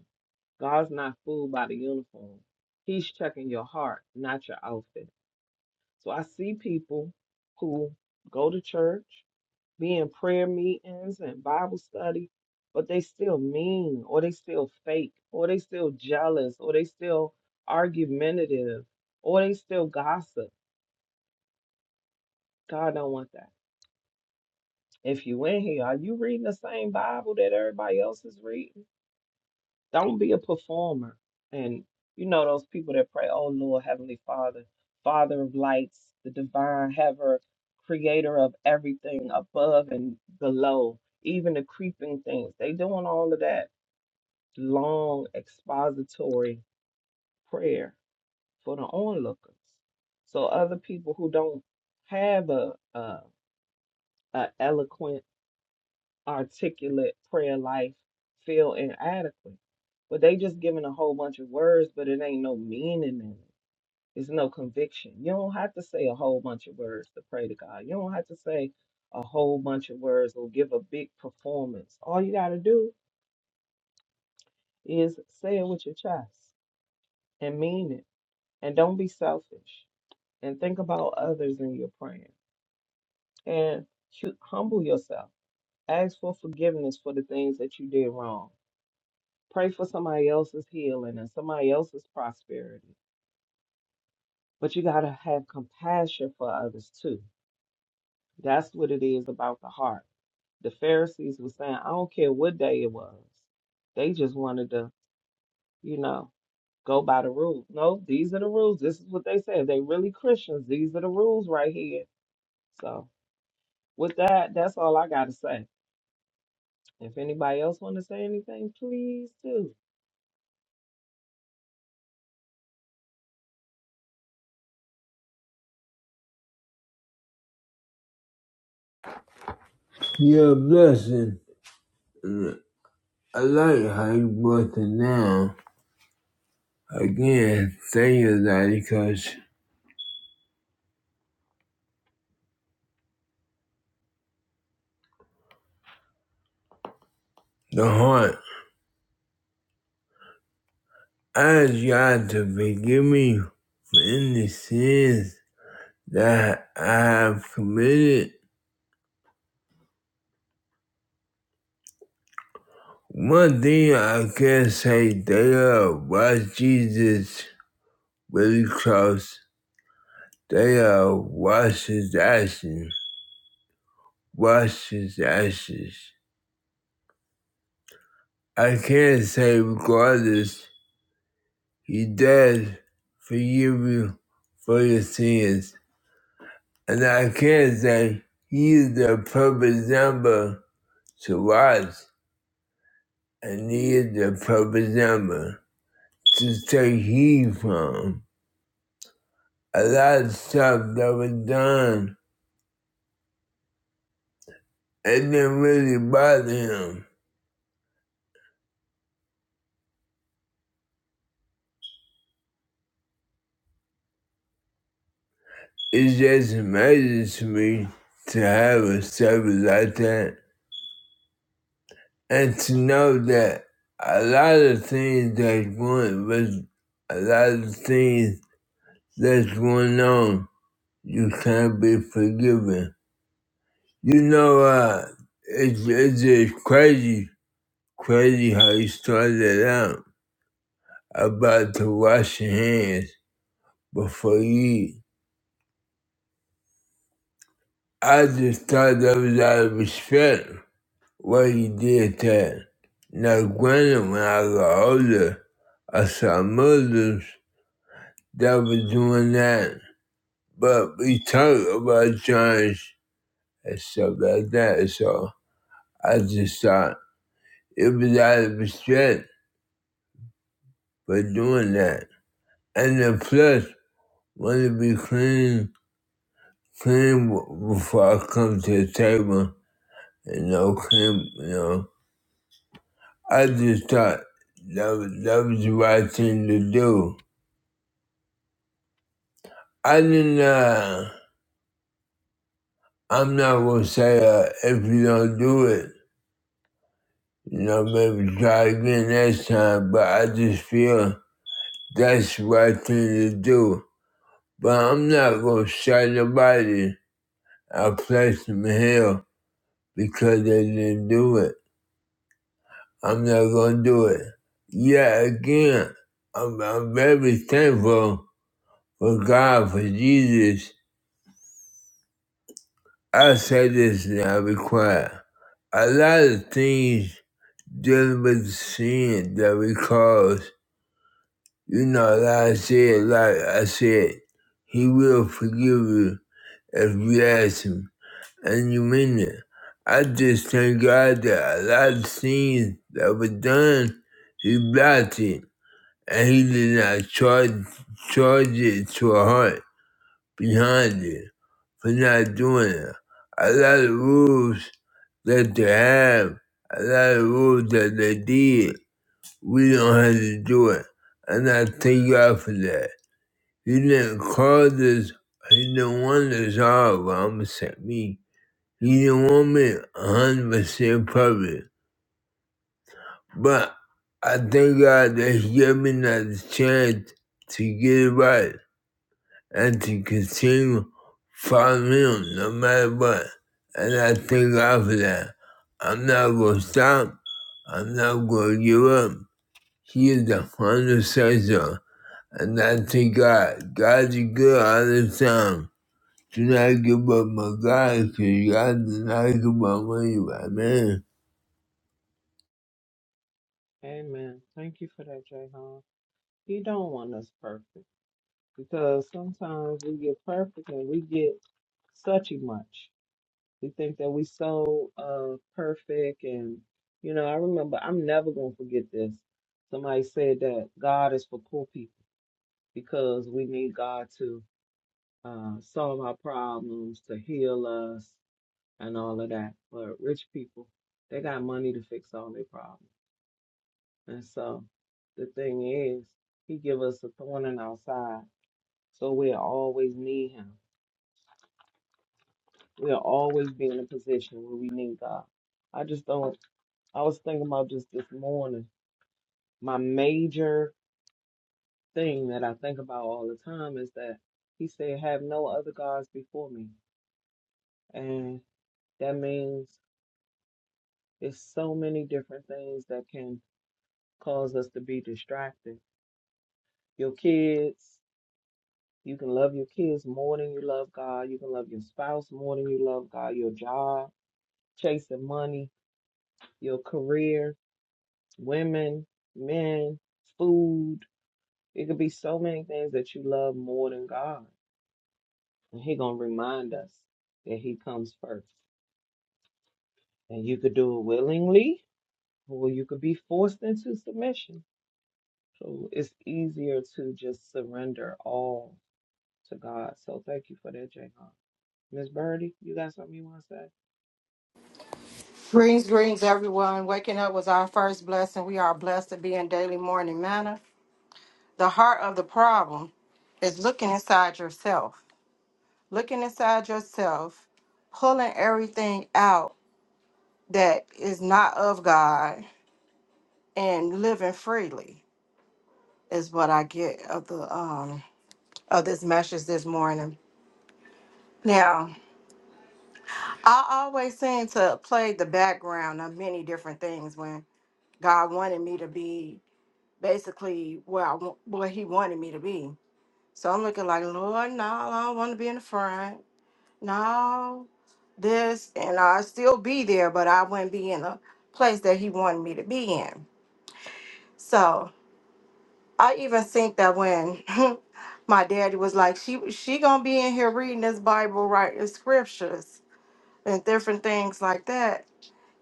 S2: God's not fooled by the uniform. He's checking your heart, not your outfit. So I see people who go to church, be in prayer meetings and Bible study, but they still mean, or they still fake, or they still jealous, or they still argumentative, or they still gossip. God don't want that. If you in here, are you reading the same Bible that everybody else is reading? Don't be a performer. And you know those people that pray, "Oh Lord, Heavenly Father, Father of lights, the divine haver, creator of everything above and below, even the creeping things." They doing all of that long expository prayer for the onlookers. So other people who don't have a a, a eloquent articulate prayer life feel inadequate. But they just giving a whole bunch of words, but it ain't no meaning in it. It's no conviction. You don't have to say a whole bunch of words to pray to God. You don't have to say a whole bunch of words or give a big performance. All you got to do is say it with your chest and mean it. And don't be selfish. And think about others in your praying. And hu- humble yourself. Ask for forgiveness for the things that you did wrong Pray for somebody else's healing and somebody else's prosperity. But you got to have compassion for others too. That's what it is about the heart. The Pharisees were saying, I don't care what day it was. They just wanted to, you know, go by the rules. No, these are the rules. This is what they said. If they really Christians, these are the rules right here. So with that, that's all I gotta say. If anybody else wanna say anything, please do.
S3: Your blessing. I like how you broke it down. Again, thank you, Daddy, because the heart. I ask God to forgive me for any sins that I have committed. One thing I can say, they are watch Jesus really close. They are watch his actions. Watch his actions. I can't say regardless, he does forgive you for your sins. And I can say he is the perfect number to watch, and he is the perfect number to take heed from. A lot of stuff that was done, it didn't really bother him. It's just amazing to me to have a service like that. and to know that a lot of things that's going was a lot of things that's going on, you can't be forgiven. You know, uh, it's it's just crazy, crazy how you started out about to wash your hands before you eat. I just thought that was out of respect why you did that. Now, granted, when I got older, I saw Muslims that was doing that. But we talk about church and stuff like that, so I just thought it was out of respect for doing that. And the flesh want to be clean, clean before I come to the table, and no clean, you know. I just thought that was, that was the right thing to do. I didn't, uh, I'm not gonna say uh, if you don't do it. You know, maybe try again next time, but I just feel that's the right thing to do. But I'm not gonna shut nobody I place them here because they didn't do it. I'm not gonna do it. Yeah, again, I'm, I'm very thankful for God, for Jesus. I say this and I be quiet. A lot of things dealing with sin that we cause. You know, like I said, like I said, he will forgive you if you ask him, and you mean it. I just thank God that a lot of things that were done, he blocked it, and he did not charge charge it to a heart behind it for not doing it. A lot of rules that they have, a lot of rules that they did, we don't have to do it, and I thank God for that. He didn't cause this. He didn't want to solve. I'm upset me. He didn't want me 100% perfect. But I thank God that He gave me that chance to get it right and to continue following Him no matter what. And I thank God for that. I'm not going to stop. I'm not going to give up. He is the final say so. And I thank God. God's good all the time. Do not give up my God, because God did not give up on you. Amen.
S2: Amen. Thank you for that, Jay He don't want us perfect. because sometimes we get perfect and we get such a much. We think that we so uh perfect and you know, I remember I'm never gonna forget this. Somebody said that God is for poor people because we need God to uh solve our problems, to heal us and all of that. But rich people, they got money to fix all their problems. And so the thing is, he give us a thorn in our side. So we always need him. We'll always be in a position where we need God. I just don't, I was thinking about just this morning. My major thing that I think about all the time is that he said, have no other gods before me. And that means it's so many different things that can cause us to be distracted. Your kids, you can love your kids more than you love God. You can love your spouse more than you love God. Your job, chasing money, your career, women, men, food. It could be so many things that you love more than God. And He gonna remind us that He comes first. And you could do it willingly, or you could be forced into submission. So it's easier to just surrender all to God. So thank you for that, Jayhan. Miss Birdie, you got something you wanna say?
S4: Greetings, greetings, everyone. Waking up was our first blessing. We are blessed to be in daily morning manner. The heart of the problem is looking inside yourself, looking inside yourself, pulling everything out that is not of God, and living freely is what I get of the um of this message this morning. Now, I always seem to play the background of many different things when God wanted me to be basically where I want, where he wanted me to be. So I'm looking like, Lord, no, I don't want to be in the front. No, this, and I'll still be there, but I wouldn't be in the place that he wanted me to be in. So I even think that when my daddy was like, she she gonna be in here reading this Bible, right, and scriptures and different things like that,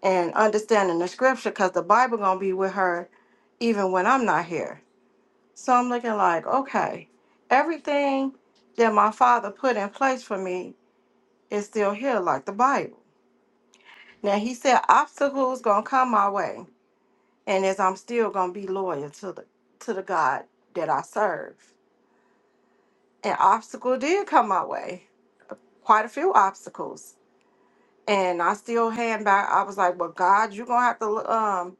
S4: and understanding the scripture, cause the Bible gonna be with her, even when I'm not here. So I'm looking like, okay, everything that my father put in place for me is still here, like the Bible. Now he said obstacles gonna come my way, and as I'm still gonna be loyal to the to the God that I serve. And obstacle did come my way, quite a few obstacles. And I still hand back. I was like, "Well, God, you're gonna have to um,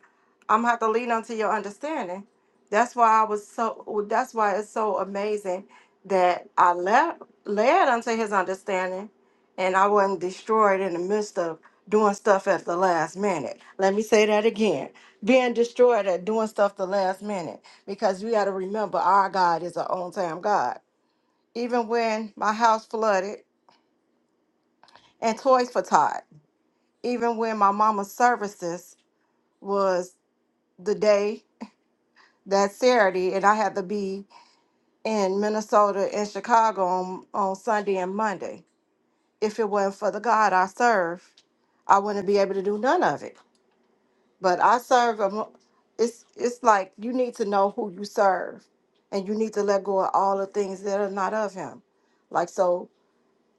S4: I'm gonna have to lean onto your understanding." That's why I was so. That's why it's so amazing that I left led unto His understanding, and I wasn't destroyed in the midst of doing stuff at the last minute. Let me say that again: being destroyed at doing stuff the last minute, because you got to remember our God is an on-time God. Even when my house flooded and toys for Todd even when my mama's services was the day that Saturday, and I had to be in Minnesota and Chicago on, on Sunday and Monday. If it wasn't for the God I serve, I wouldn't be able to do none of it. But I serve a, mo- it's it's like you need to know who you serve, and you need to let go of all the things that are not of Him. Like so,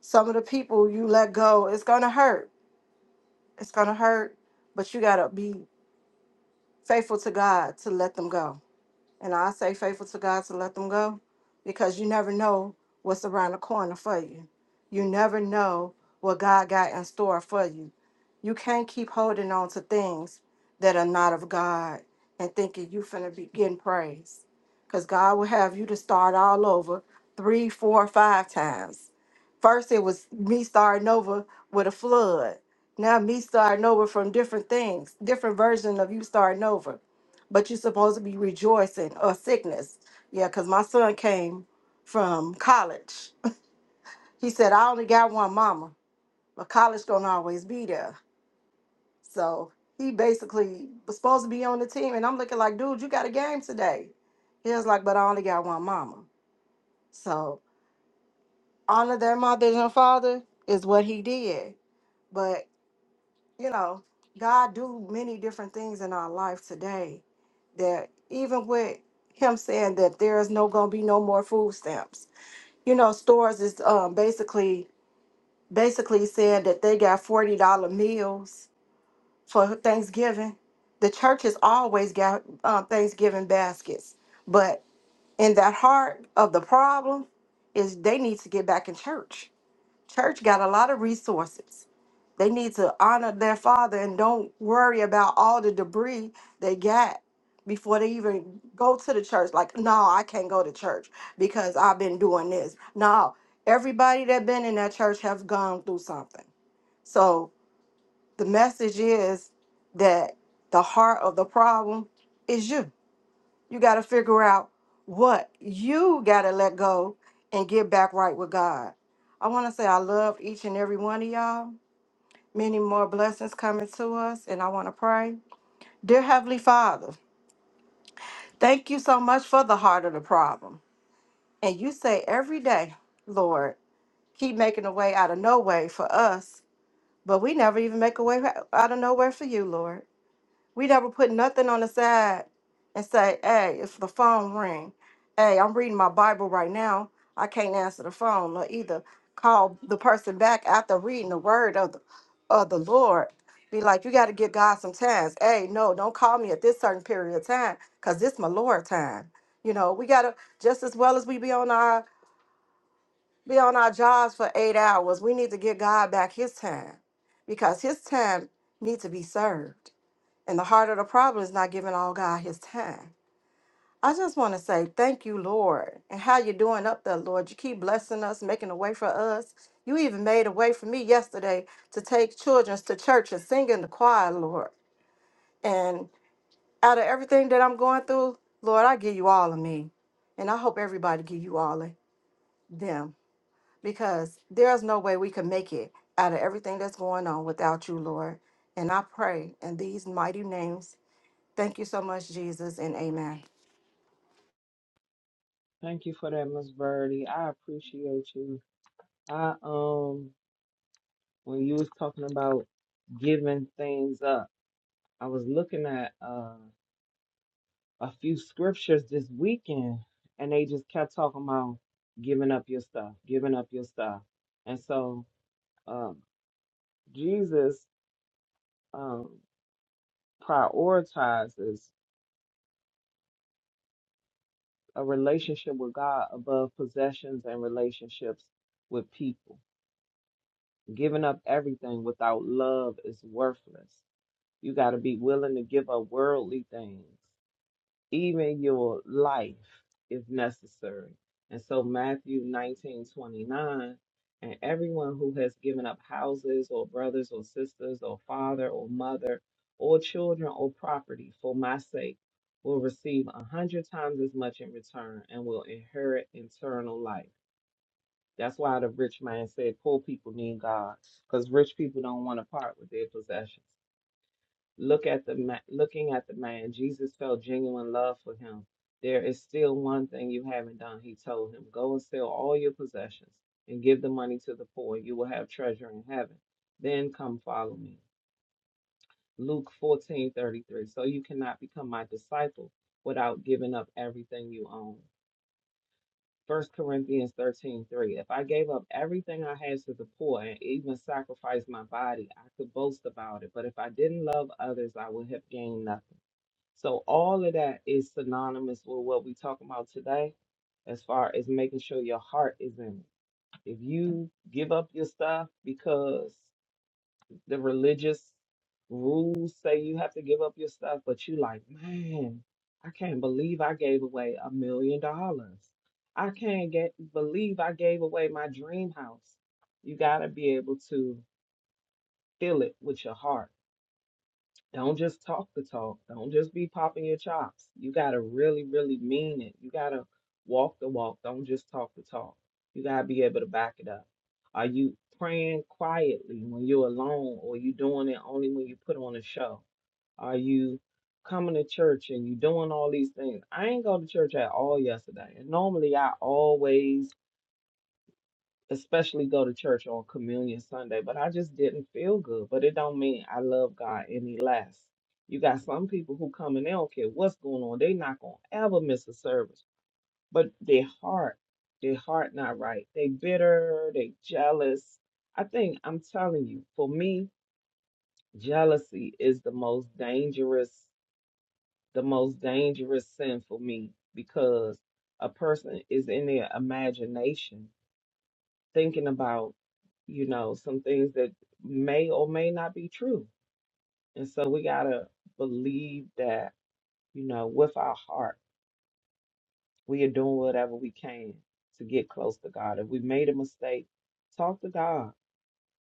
S4: some of the people you let go, it's gonna hurt. It's gonna hurt, but you gotta be faithful to God to let them go And I say faithful to God to let them go because you never know what's around the corner for you. You never know what God got in store for you. You can't keep holding on to things that are not of God and thinking you finna be getting praise. Because God will have you to start all over three, four, five times. First, it was me starting over with a flood. Now, me starting over from different things, different version of you starting over but you're supposed to be rejoicing or sickness. Yeah, because my son came from college. He said, I only got one mama, but college don't always be there. So he basically was supposed to be on the team. And I'm looking like, dude, you got a game today. He was like, but I only got one mama. So honor their mother and father is what he did. but. you know, God do many different things in our life today that even with him saying that there is no gonna be no more food stamps. You know, stores is um basically basically saying that they got forty dollar meals for Thanksgiving. The churches always got um, Thanksgiving baskets, but in that heart of the problem is they need to get back in church. Church got a lot of resources they need to honor their father and don't worry about all the debris they got before they even go to the church. Like, no, I can't go to church because I've been doing this. No, everybody that been in that church have gone through something. So the message is that the heart of the problem is you. You got to figure out what you got to let go and get back right with God. I want to say I love each and every one of y'all many more blessings coming to us, and I want to pray. Dear Heavenly Father, thank you so much for the heart of the problem. And you say every day, Lord, keep making a way out of no way for us, but we never even make a way out of no way for you, Lord. We never put nothing on the side and say, hey, if the phone ring, hey, I'm reading my Bible right now. I can't answer the phone or either call the person back after reading the word of the, of the Lord. Be like, you got to give God some times. Hey, no, don't call me at this certain period of time because this my Lord time. You know, we got to, just as well as we be on our, be on our jobs for eight hours, we need to give God back his time because his time needs to be served. And the heart of the problem is not giving all God his time. I just want to say thank you, Lord. And how you doing up there, Lord? You keep blessing us, making a way for us. You even made a way for me yesterday to take children to church and sing in the choir, Lord. And out of everything that I'm going through, Lord, I give you all of me. And I hope everybody give you all of them. Because there's no way we can make it out of everything that's going on without you, Lord. And I pray in these mighty names Thank you so much, Jesus, and amen.
S2: Thank you for that, Miss Birdie. I appreciate you. I um when you was talking about giving things up. I was looking at uh, a few scriptures this weekend, and they just kept talking about giving up your stuff, giving up your stuff. And so um, Jesus um, prioritizes a relationship with God above possessions and relationships with people. Giving up everything without love is worthless. You got to be willing to give up worldly things even your life if necessary. And so Matthew 19 29, and everyone who has given up houses or brothers or sisters or father or mother or children or property for my sake will receive a hundred times as much in return and will inherit eternal life. That's why the rich man said poor people need God because rich people don't want to part with their possessions. Look at the ma- looking at the man. Jesus felt genuine love for him. There is still one thing you haven't done, he told him. Go and sell all your possessions and give the money to the poor. You will have treasure in heaven. Then come follow me. Luke 14:33. So you cannot become my disciple without giving up everything you own. First Corinthians 13 3. If I gave up everything I had to the poor and even sacrificed my body, I could boast about it. But if I didn't love others, I would have gained nothing. So all of that is synonymous with what we're talking about today, as far as making sure your heart is in it. If you give up your stuff because the religious rules say you have to give up your stuff, but you like, man, I can't believe I gave away a million dollars. I can't get believe I gave away my dream house. You gotta be able to feel it with your heart don't just talk the talk. Don't just be popping your chops. You got to really, really mean it. You got to walk the walk. Don't just talk the talk. You got to be able to back it up. Are you praying quietly when you're alone or you doing it only when you put on a show? Are you coming to church and you doing all these things? I ain't go to church at all yesterday. And normally I always especially go to church on communion Sunday, but I just didn't feel good. But it don't mean I love God any less. You got some people who come and they don't care what's going on. They not gonna ever miss a service. But their heart, their heart not right. They bitter, they jealous. I think I'm telling you, for me, jealousy is the most dangerous, the most dangerous sin for me because a person is in their imagination thinking about, you know, some things that may or may not be true. And so we got to believe that, you know, with our heart, we are doing whatever we can to get close to God. If we made a mistake, talk to God.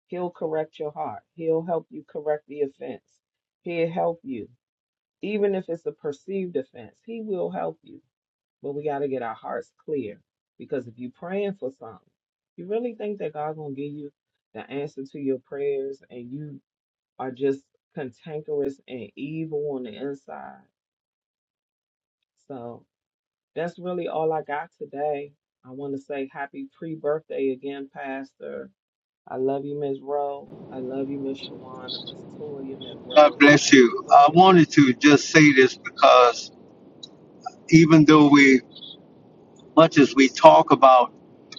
S2: He'll correct your heart, He'll help you correct the offense, He'll help you. Even if it's a perceived offense, He will help you. But we got to get our hearts clear because if you're praying for something, you really think that God's going to give you the answer to your prayers and you are just cantankerous and evil on the inside. So that's really all I got today. I want to say happy pre birthday again, Pastor. I love you, Miss Rowe. I love you, Miss Shawana, Miss Toya, Miss
S1: God
S2: Rose.
S1: bless you.
S2: Go
S1: I
S2: ahead, Pastor.
S1: wanted to just say this because even though we much as we talk about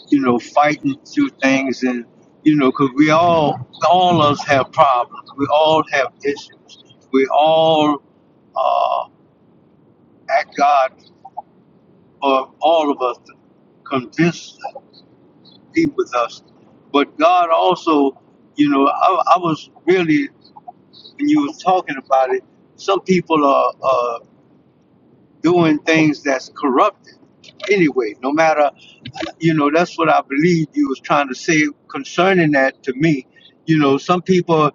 S1: you know fighting through things and you know because we all all of us have problems we all have issues we all ask god for all of us to convince be with us but god also you know i, I was really when you were talking about it some people are are doing things that's corrupted anyway no matter you know that's what i believe you was trying to say concerning that to me you know some people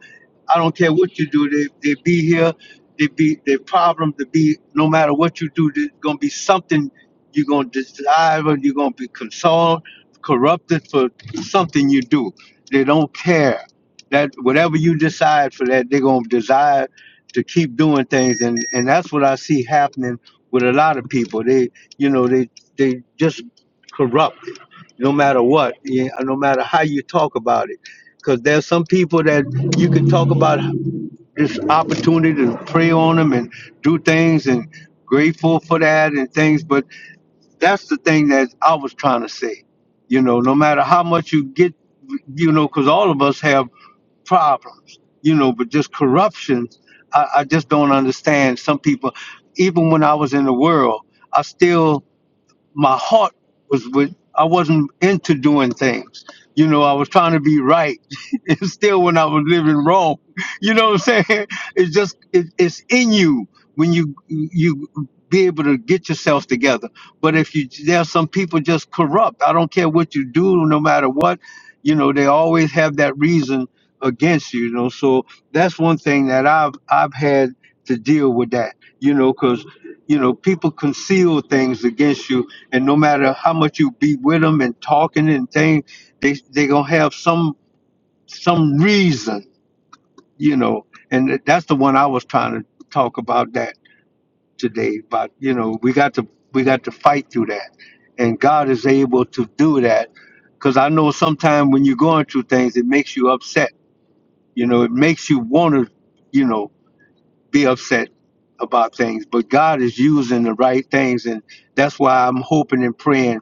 S1: i don't care what you do they, they be here they be their problem to be no matter what you do there's gonna be something you're gonna desire and you're gonna be consoled corrupted for something you do they don't care that whatever you decide for that they're gonna desire to keep doing things and and that's what i see happening with a lot of people. They, you know, they they just corrupted, no matter what, yeah, no matter how you talk about it. Because there's some people that you can talk about this opportunity to pray on them and do things and grateful for that and things, but that's the thing that I was trying to say. You know, no matter how much you get, you know, because all of us have problems, you know, but just corruption, I, I just don't understand. Some people, even when I was in the world, I still my heart was with I wasn't into doing things. You know, I was trying to be right. and still when I was living wrong. You know what I'm saying? It's just it, it's in you when you you be able to get yourself together. But if you there's some people just corrupt. I don't care what you do, no matter what, you know, they always have that reason against you, you know. So that's one thing that I've I've had to deal with that, you know, because you know, people conceal things against you and no matter how much you be with them and talking and things, they they gonna have some some reason, you know. And that's the one I was trying to talk about that today. But you know, we got to we got to fight through that, and God is able to do that. Because I know sometimes when you're going through things, it makes you upset. You know, it makes you want to, you know, be upset about things. But God is using the right things, and that's why I'm hoping and praying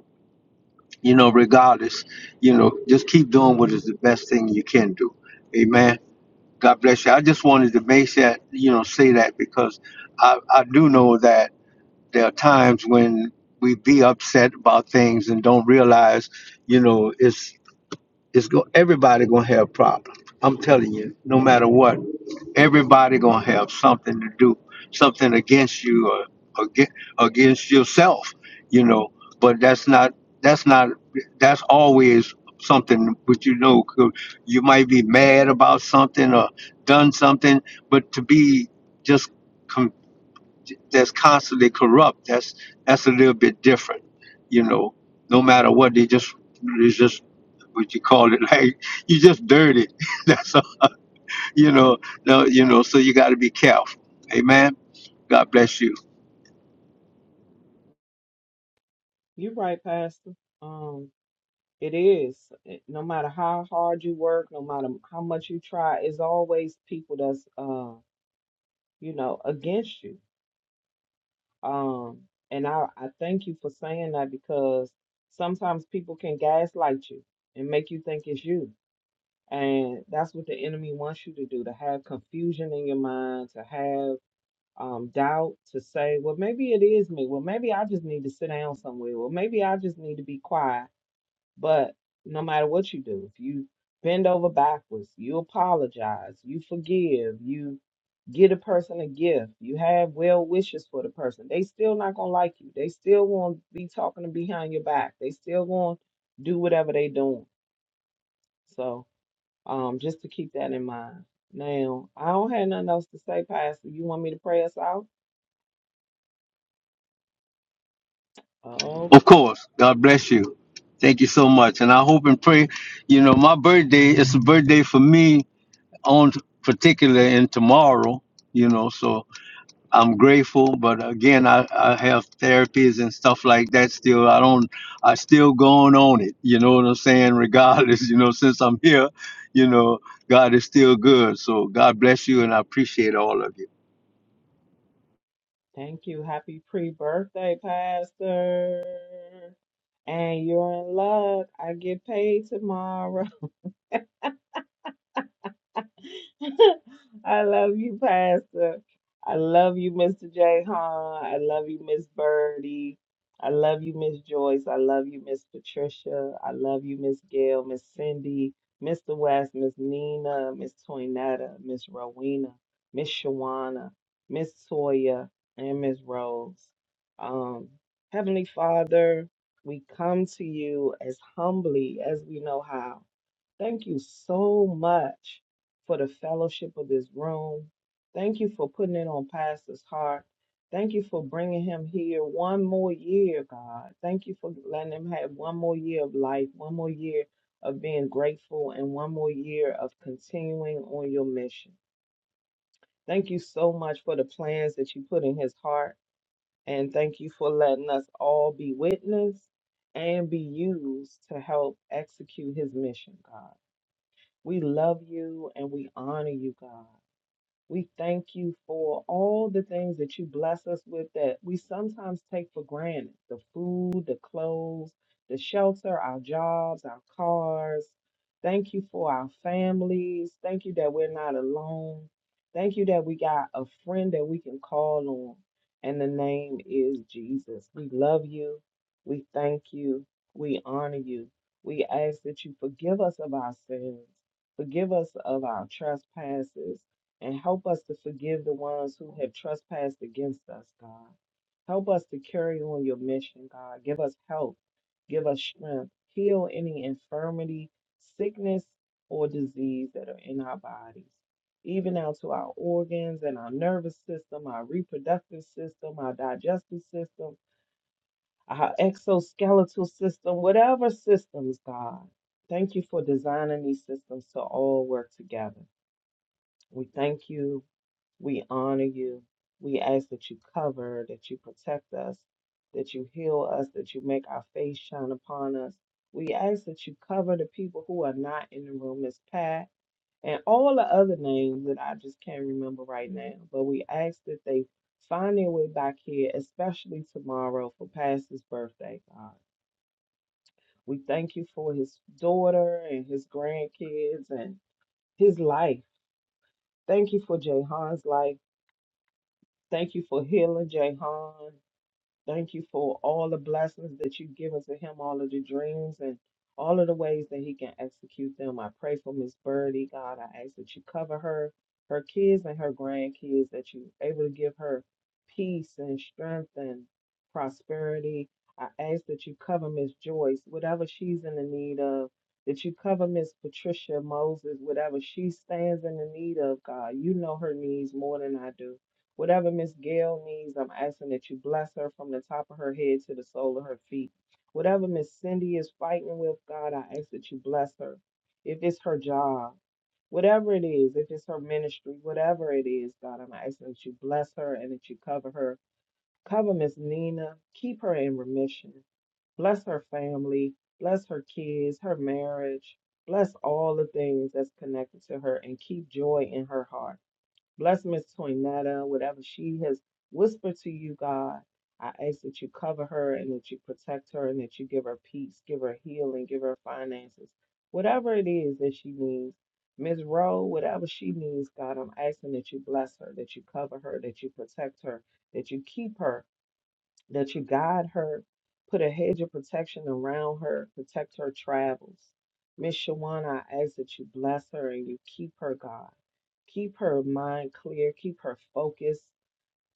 S1: you know, regardless, you know, just keep doing what is the best thing you can do. Amen. God bless you. I just wanted to make that, you know, say that because I, I do know that there are times when we be upset about things and don't realize, you know, it's it's go everybody gonna have problems. I'm telling you, no matter what, everybody gonna have something to do, something against you or against, against yourself, you know. But that's not that's not that's always something But you know 'cause you might be mad about something or done something, but to be just that's constantly corrupt. That's that's a little bit different, you know. No matter what, they just they just what you call it like you just dirty. that's all, you know. No, you know. So you got to be careful. Amen. God bless you.
S2: You're right, Pastor. Um, It is. It- No matter how hard you work, no matter how much you try, it's always people that's uh, you know, against you. Um, and I, I thank you for saying that because sometimes people can gaslight you and make you think it's you. And that's what the enemy wants you to do, to have confusion in your mind, to have um doubt, to say, well, maybe it is me. Well, maybe I just need to sit down somewhere. Well, maybe I just need to be quiet But no matter what you do, if you bend over backwards, you apologize, you forgive, you get a person a gift, you have well wishes for the person, they still not gonna like you. They still gonna be talking behind your back. They still gonna do whatever they doing. So um just to keep that in mind. Now, I don't have nothing else to say, Pastor. You want me to pray us out?
S1: Of
S2: Okay.
S1: course, God bless you. Thank you so much, and I hope and pray. You know, my birthday is a birthday for me on particular and tomorrow. You know, so I'm grateful, but again, I, I have therapies and stuff like that still. I don't, I still going on it. You know what I'm saying? Regardless, you know, since I'm here, you know, God is still good. So God bless you, and I appreciate all of you.
S2: Thank you. Happy pre-birthday, Pastor. And you're in luck. I get paid tomorrow. I love you, Pastor. I love you, Mr. J. Hahn. I love you, Miss Birdie. I love you, Miss Joyce. I love you, Miss Patricia. I love you, Miss Gail, Miss Cindy, Mr. West, Miss Nina, Miss Toinetta, Miss Rowena, Miss Shawana, Miss Toya, and Miss Rose. Um, Heavenly Father, we come to you as humbly as we know how. Thank you so much for the fellowship of this room. Thank you for putting it on Pastor's heart. Thank you for bringing him here one more year, God. Thank you for letting him have one more year of life, one more year of being grateful, and one more year of continuing on your mission. Thank you so much for the plans that you put in his heart. And thank you for letting us all be witness and be used to help execute his mission, God. We love you and we honor you, God. We thank you for all the things that you bless us with that we sometimes take for granted the food, the clothes, the shelter, our jobs, our cars. Thank you for our families. Thank you that we're not alone. Thank you that we got a friend that we can call on, and the name is Jesus. We love you. We thank you. We honor you. We ask that you forgive us of our sins, forgive us of our trespasses and help us to forgive the ones who have trespassed against us, God. Help us to carry on your mission, God. Give us help, give us strength, heal any infirmity, sickness, or disease that are in our bodies, even out to our organs and our nervous system, our reproductive system, our digestive system, our exoskeletal system, whatever systems, God. Thank you for designing these systems to all work together. We thank you. We honor you. We ask that you cover, that you protect us, that you heal us, that you make our face shine upon us. We ask that you cover the people who are not in the room, Miss Pat, and all the other names that I just can't remember right now. But we ask that they find their way back here, especially tomorrow for Pastor's birthday, God. We thank you for his daughter and his grandkids and his life. Thank you for Jahan's life. Thank you for healing Jahan. Thank you for all the blessings that you've given to him, all of the dreams and all of the ways that he can execute them. I pray for Miss Birdie, God. I ask that you cover her, her kids, and her grandkids, that you able to give her peace and strength and prosperity. I ask that you cover Miss Joyce, whatever she's in the need of, that you cover Miss Patricia Moses, whatever she stands in the need of, God. You know her needs more than I do. Whatever Miss Gail needs, I'm asking that you bless her from the top of her head to the sole of her feet. Whatever Miss Cindy is fighting with, God, I ask that you bless her. If it's her job, whatever it is, if it's her ministry, whatever it is, God, I'm asking that you bless her and that you cover her. Cover Miss Nina. Keep her in remission. Bless her family. Bless her kids, her marriage. Bless all the things that's connected to her and keep joy in her heart. Bless Miss Toinetta, whatever she has whispered to you, God. I ask that you cover her and that you protect her and that you give her peace, give her healing, give her finances, whatever it is that she needs. Miss Rowe, whatever she needs, God, I'm asking that you bless her, that you cover her, that you protect her, that you keep her, that you guide her, put a hedge of protection around her, protect her travels. Miss Shawana, I ask that you bless her and you keep her, God. Keep her mind clear, keep her focused,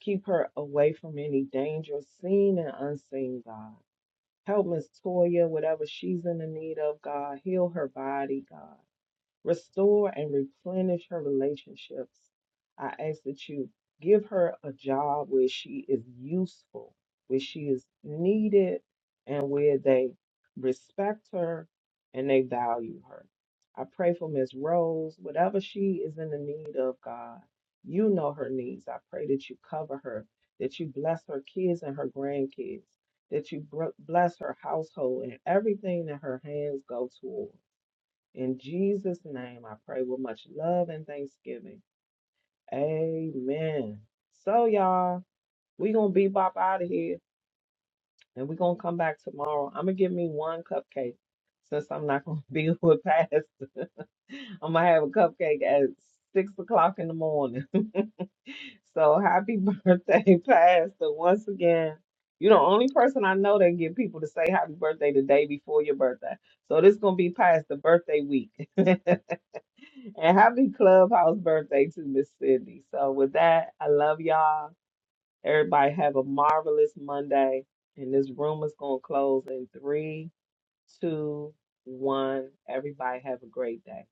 S2: keep her away from any danger, seen and unseen, God. Help Miss Toya, whatever she's in the need of, God. Heal her body, God. Restore and replenish her relationships. I ask that you give her a job where she is useful, where she is needed, and where they respect her and they value her. I pray for Miss Rose, whatever she is in the need of, God, you know her needs. I pray that you cover her, that you bless her kids and her grandkids, that you br- bless her household and everything that her hands go toward. In Jesus' name, I pray with much love and thanksgiving. Amen. So, y'all, we going to bebop out of here and we going to come back tomorrow. I'm going to give me one cupcake since I'm not going to be with Pastor. I'm going to have a cupcake at 6 o'clock in the morning. So, happy birthday, Pastor, once again. You're the only person I know that get people to say happy birthday the day before your birthday. So, this going to be Pastor birthday week. And happy clubhouse birthday to Miss Cindy. So with that, I love y'all. Everybody have a marvelous Monday. And this room is gonna close in three, two, one. Everybody have a great day.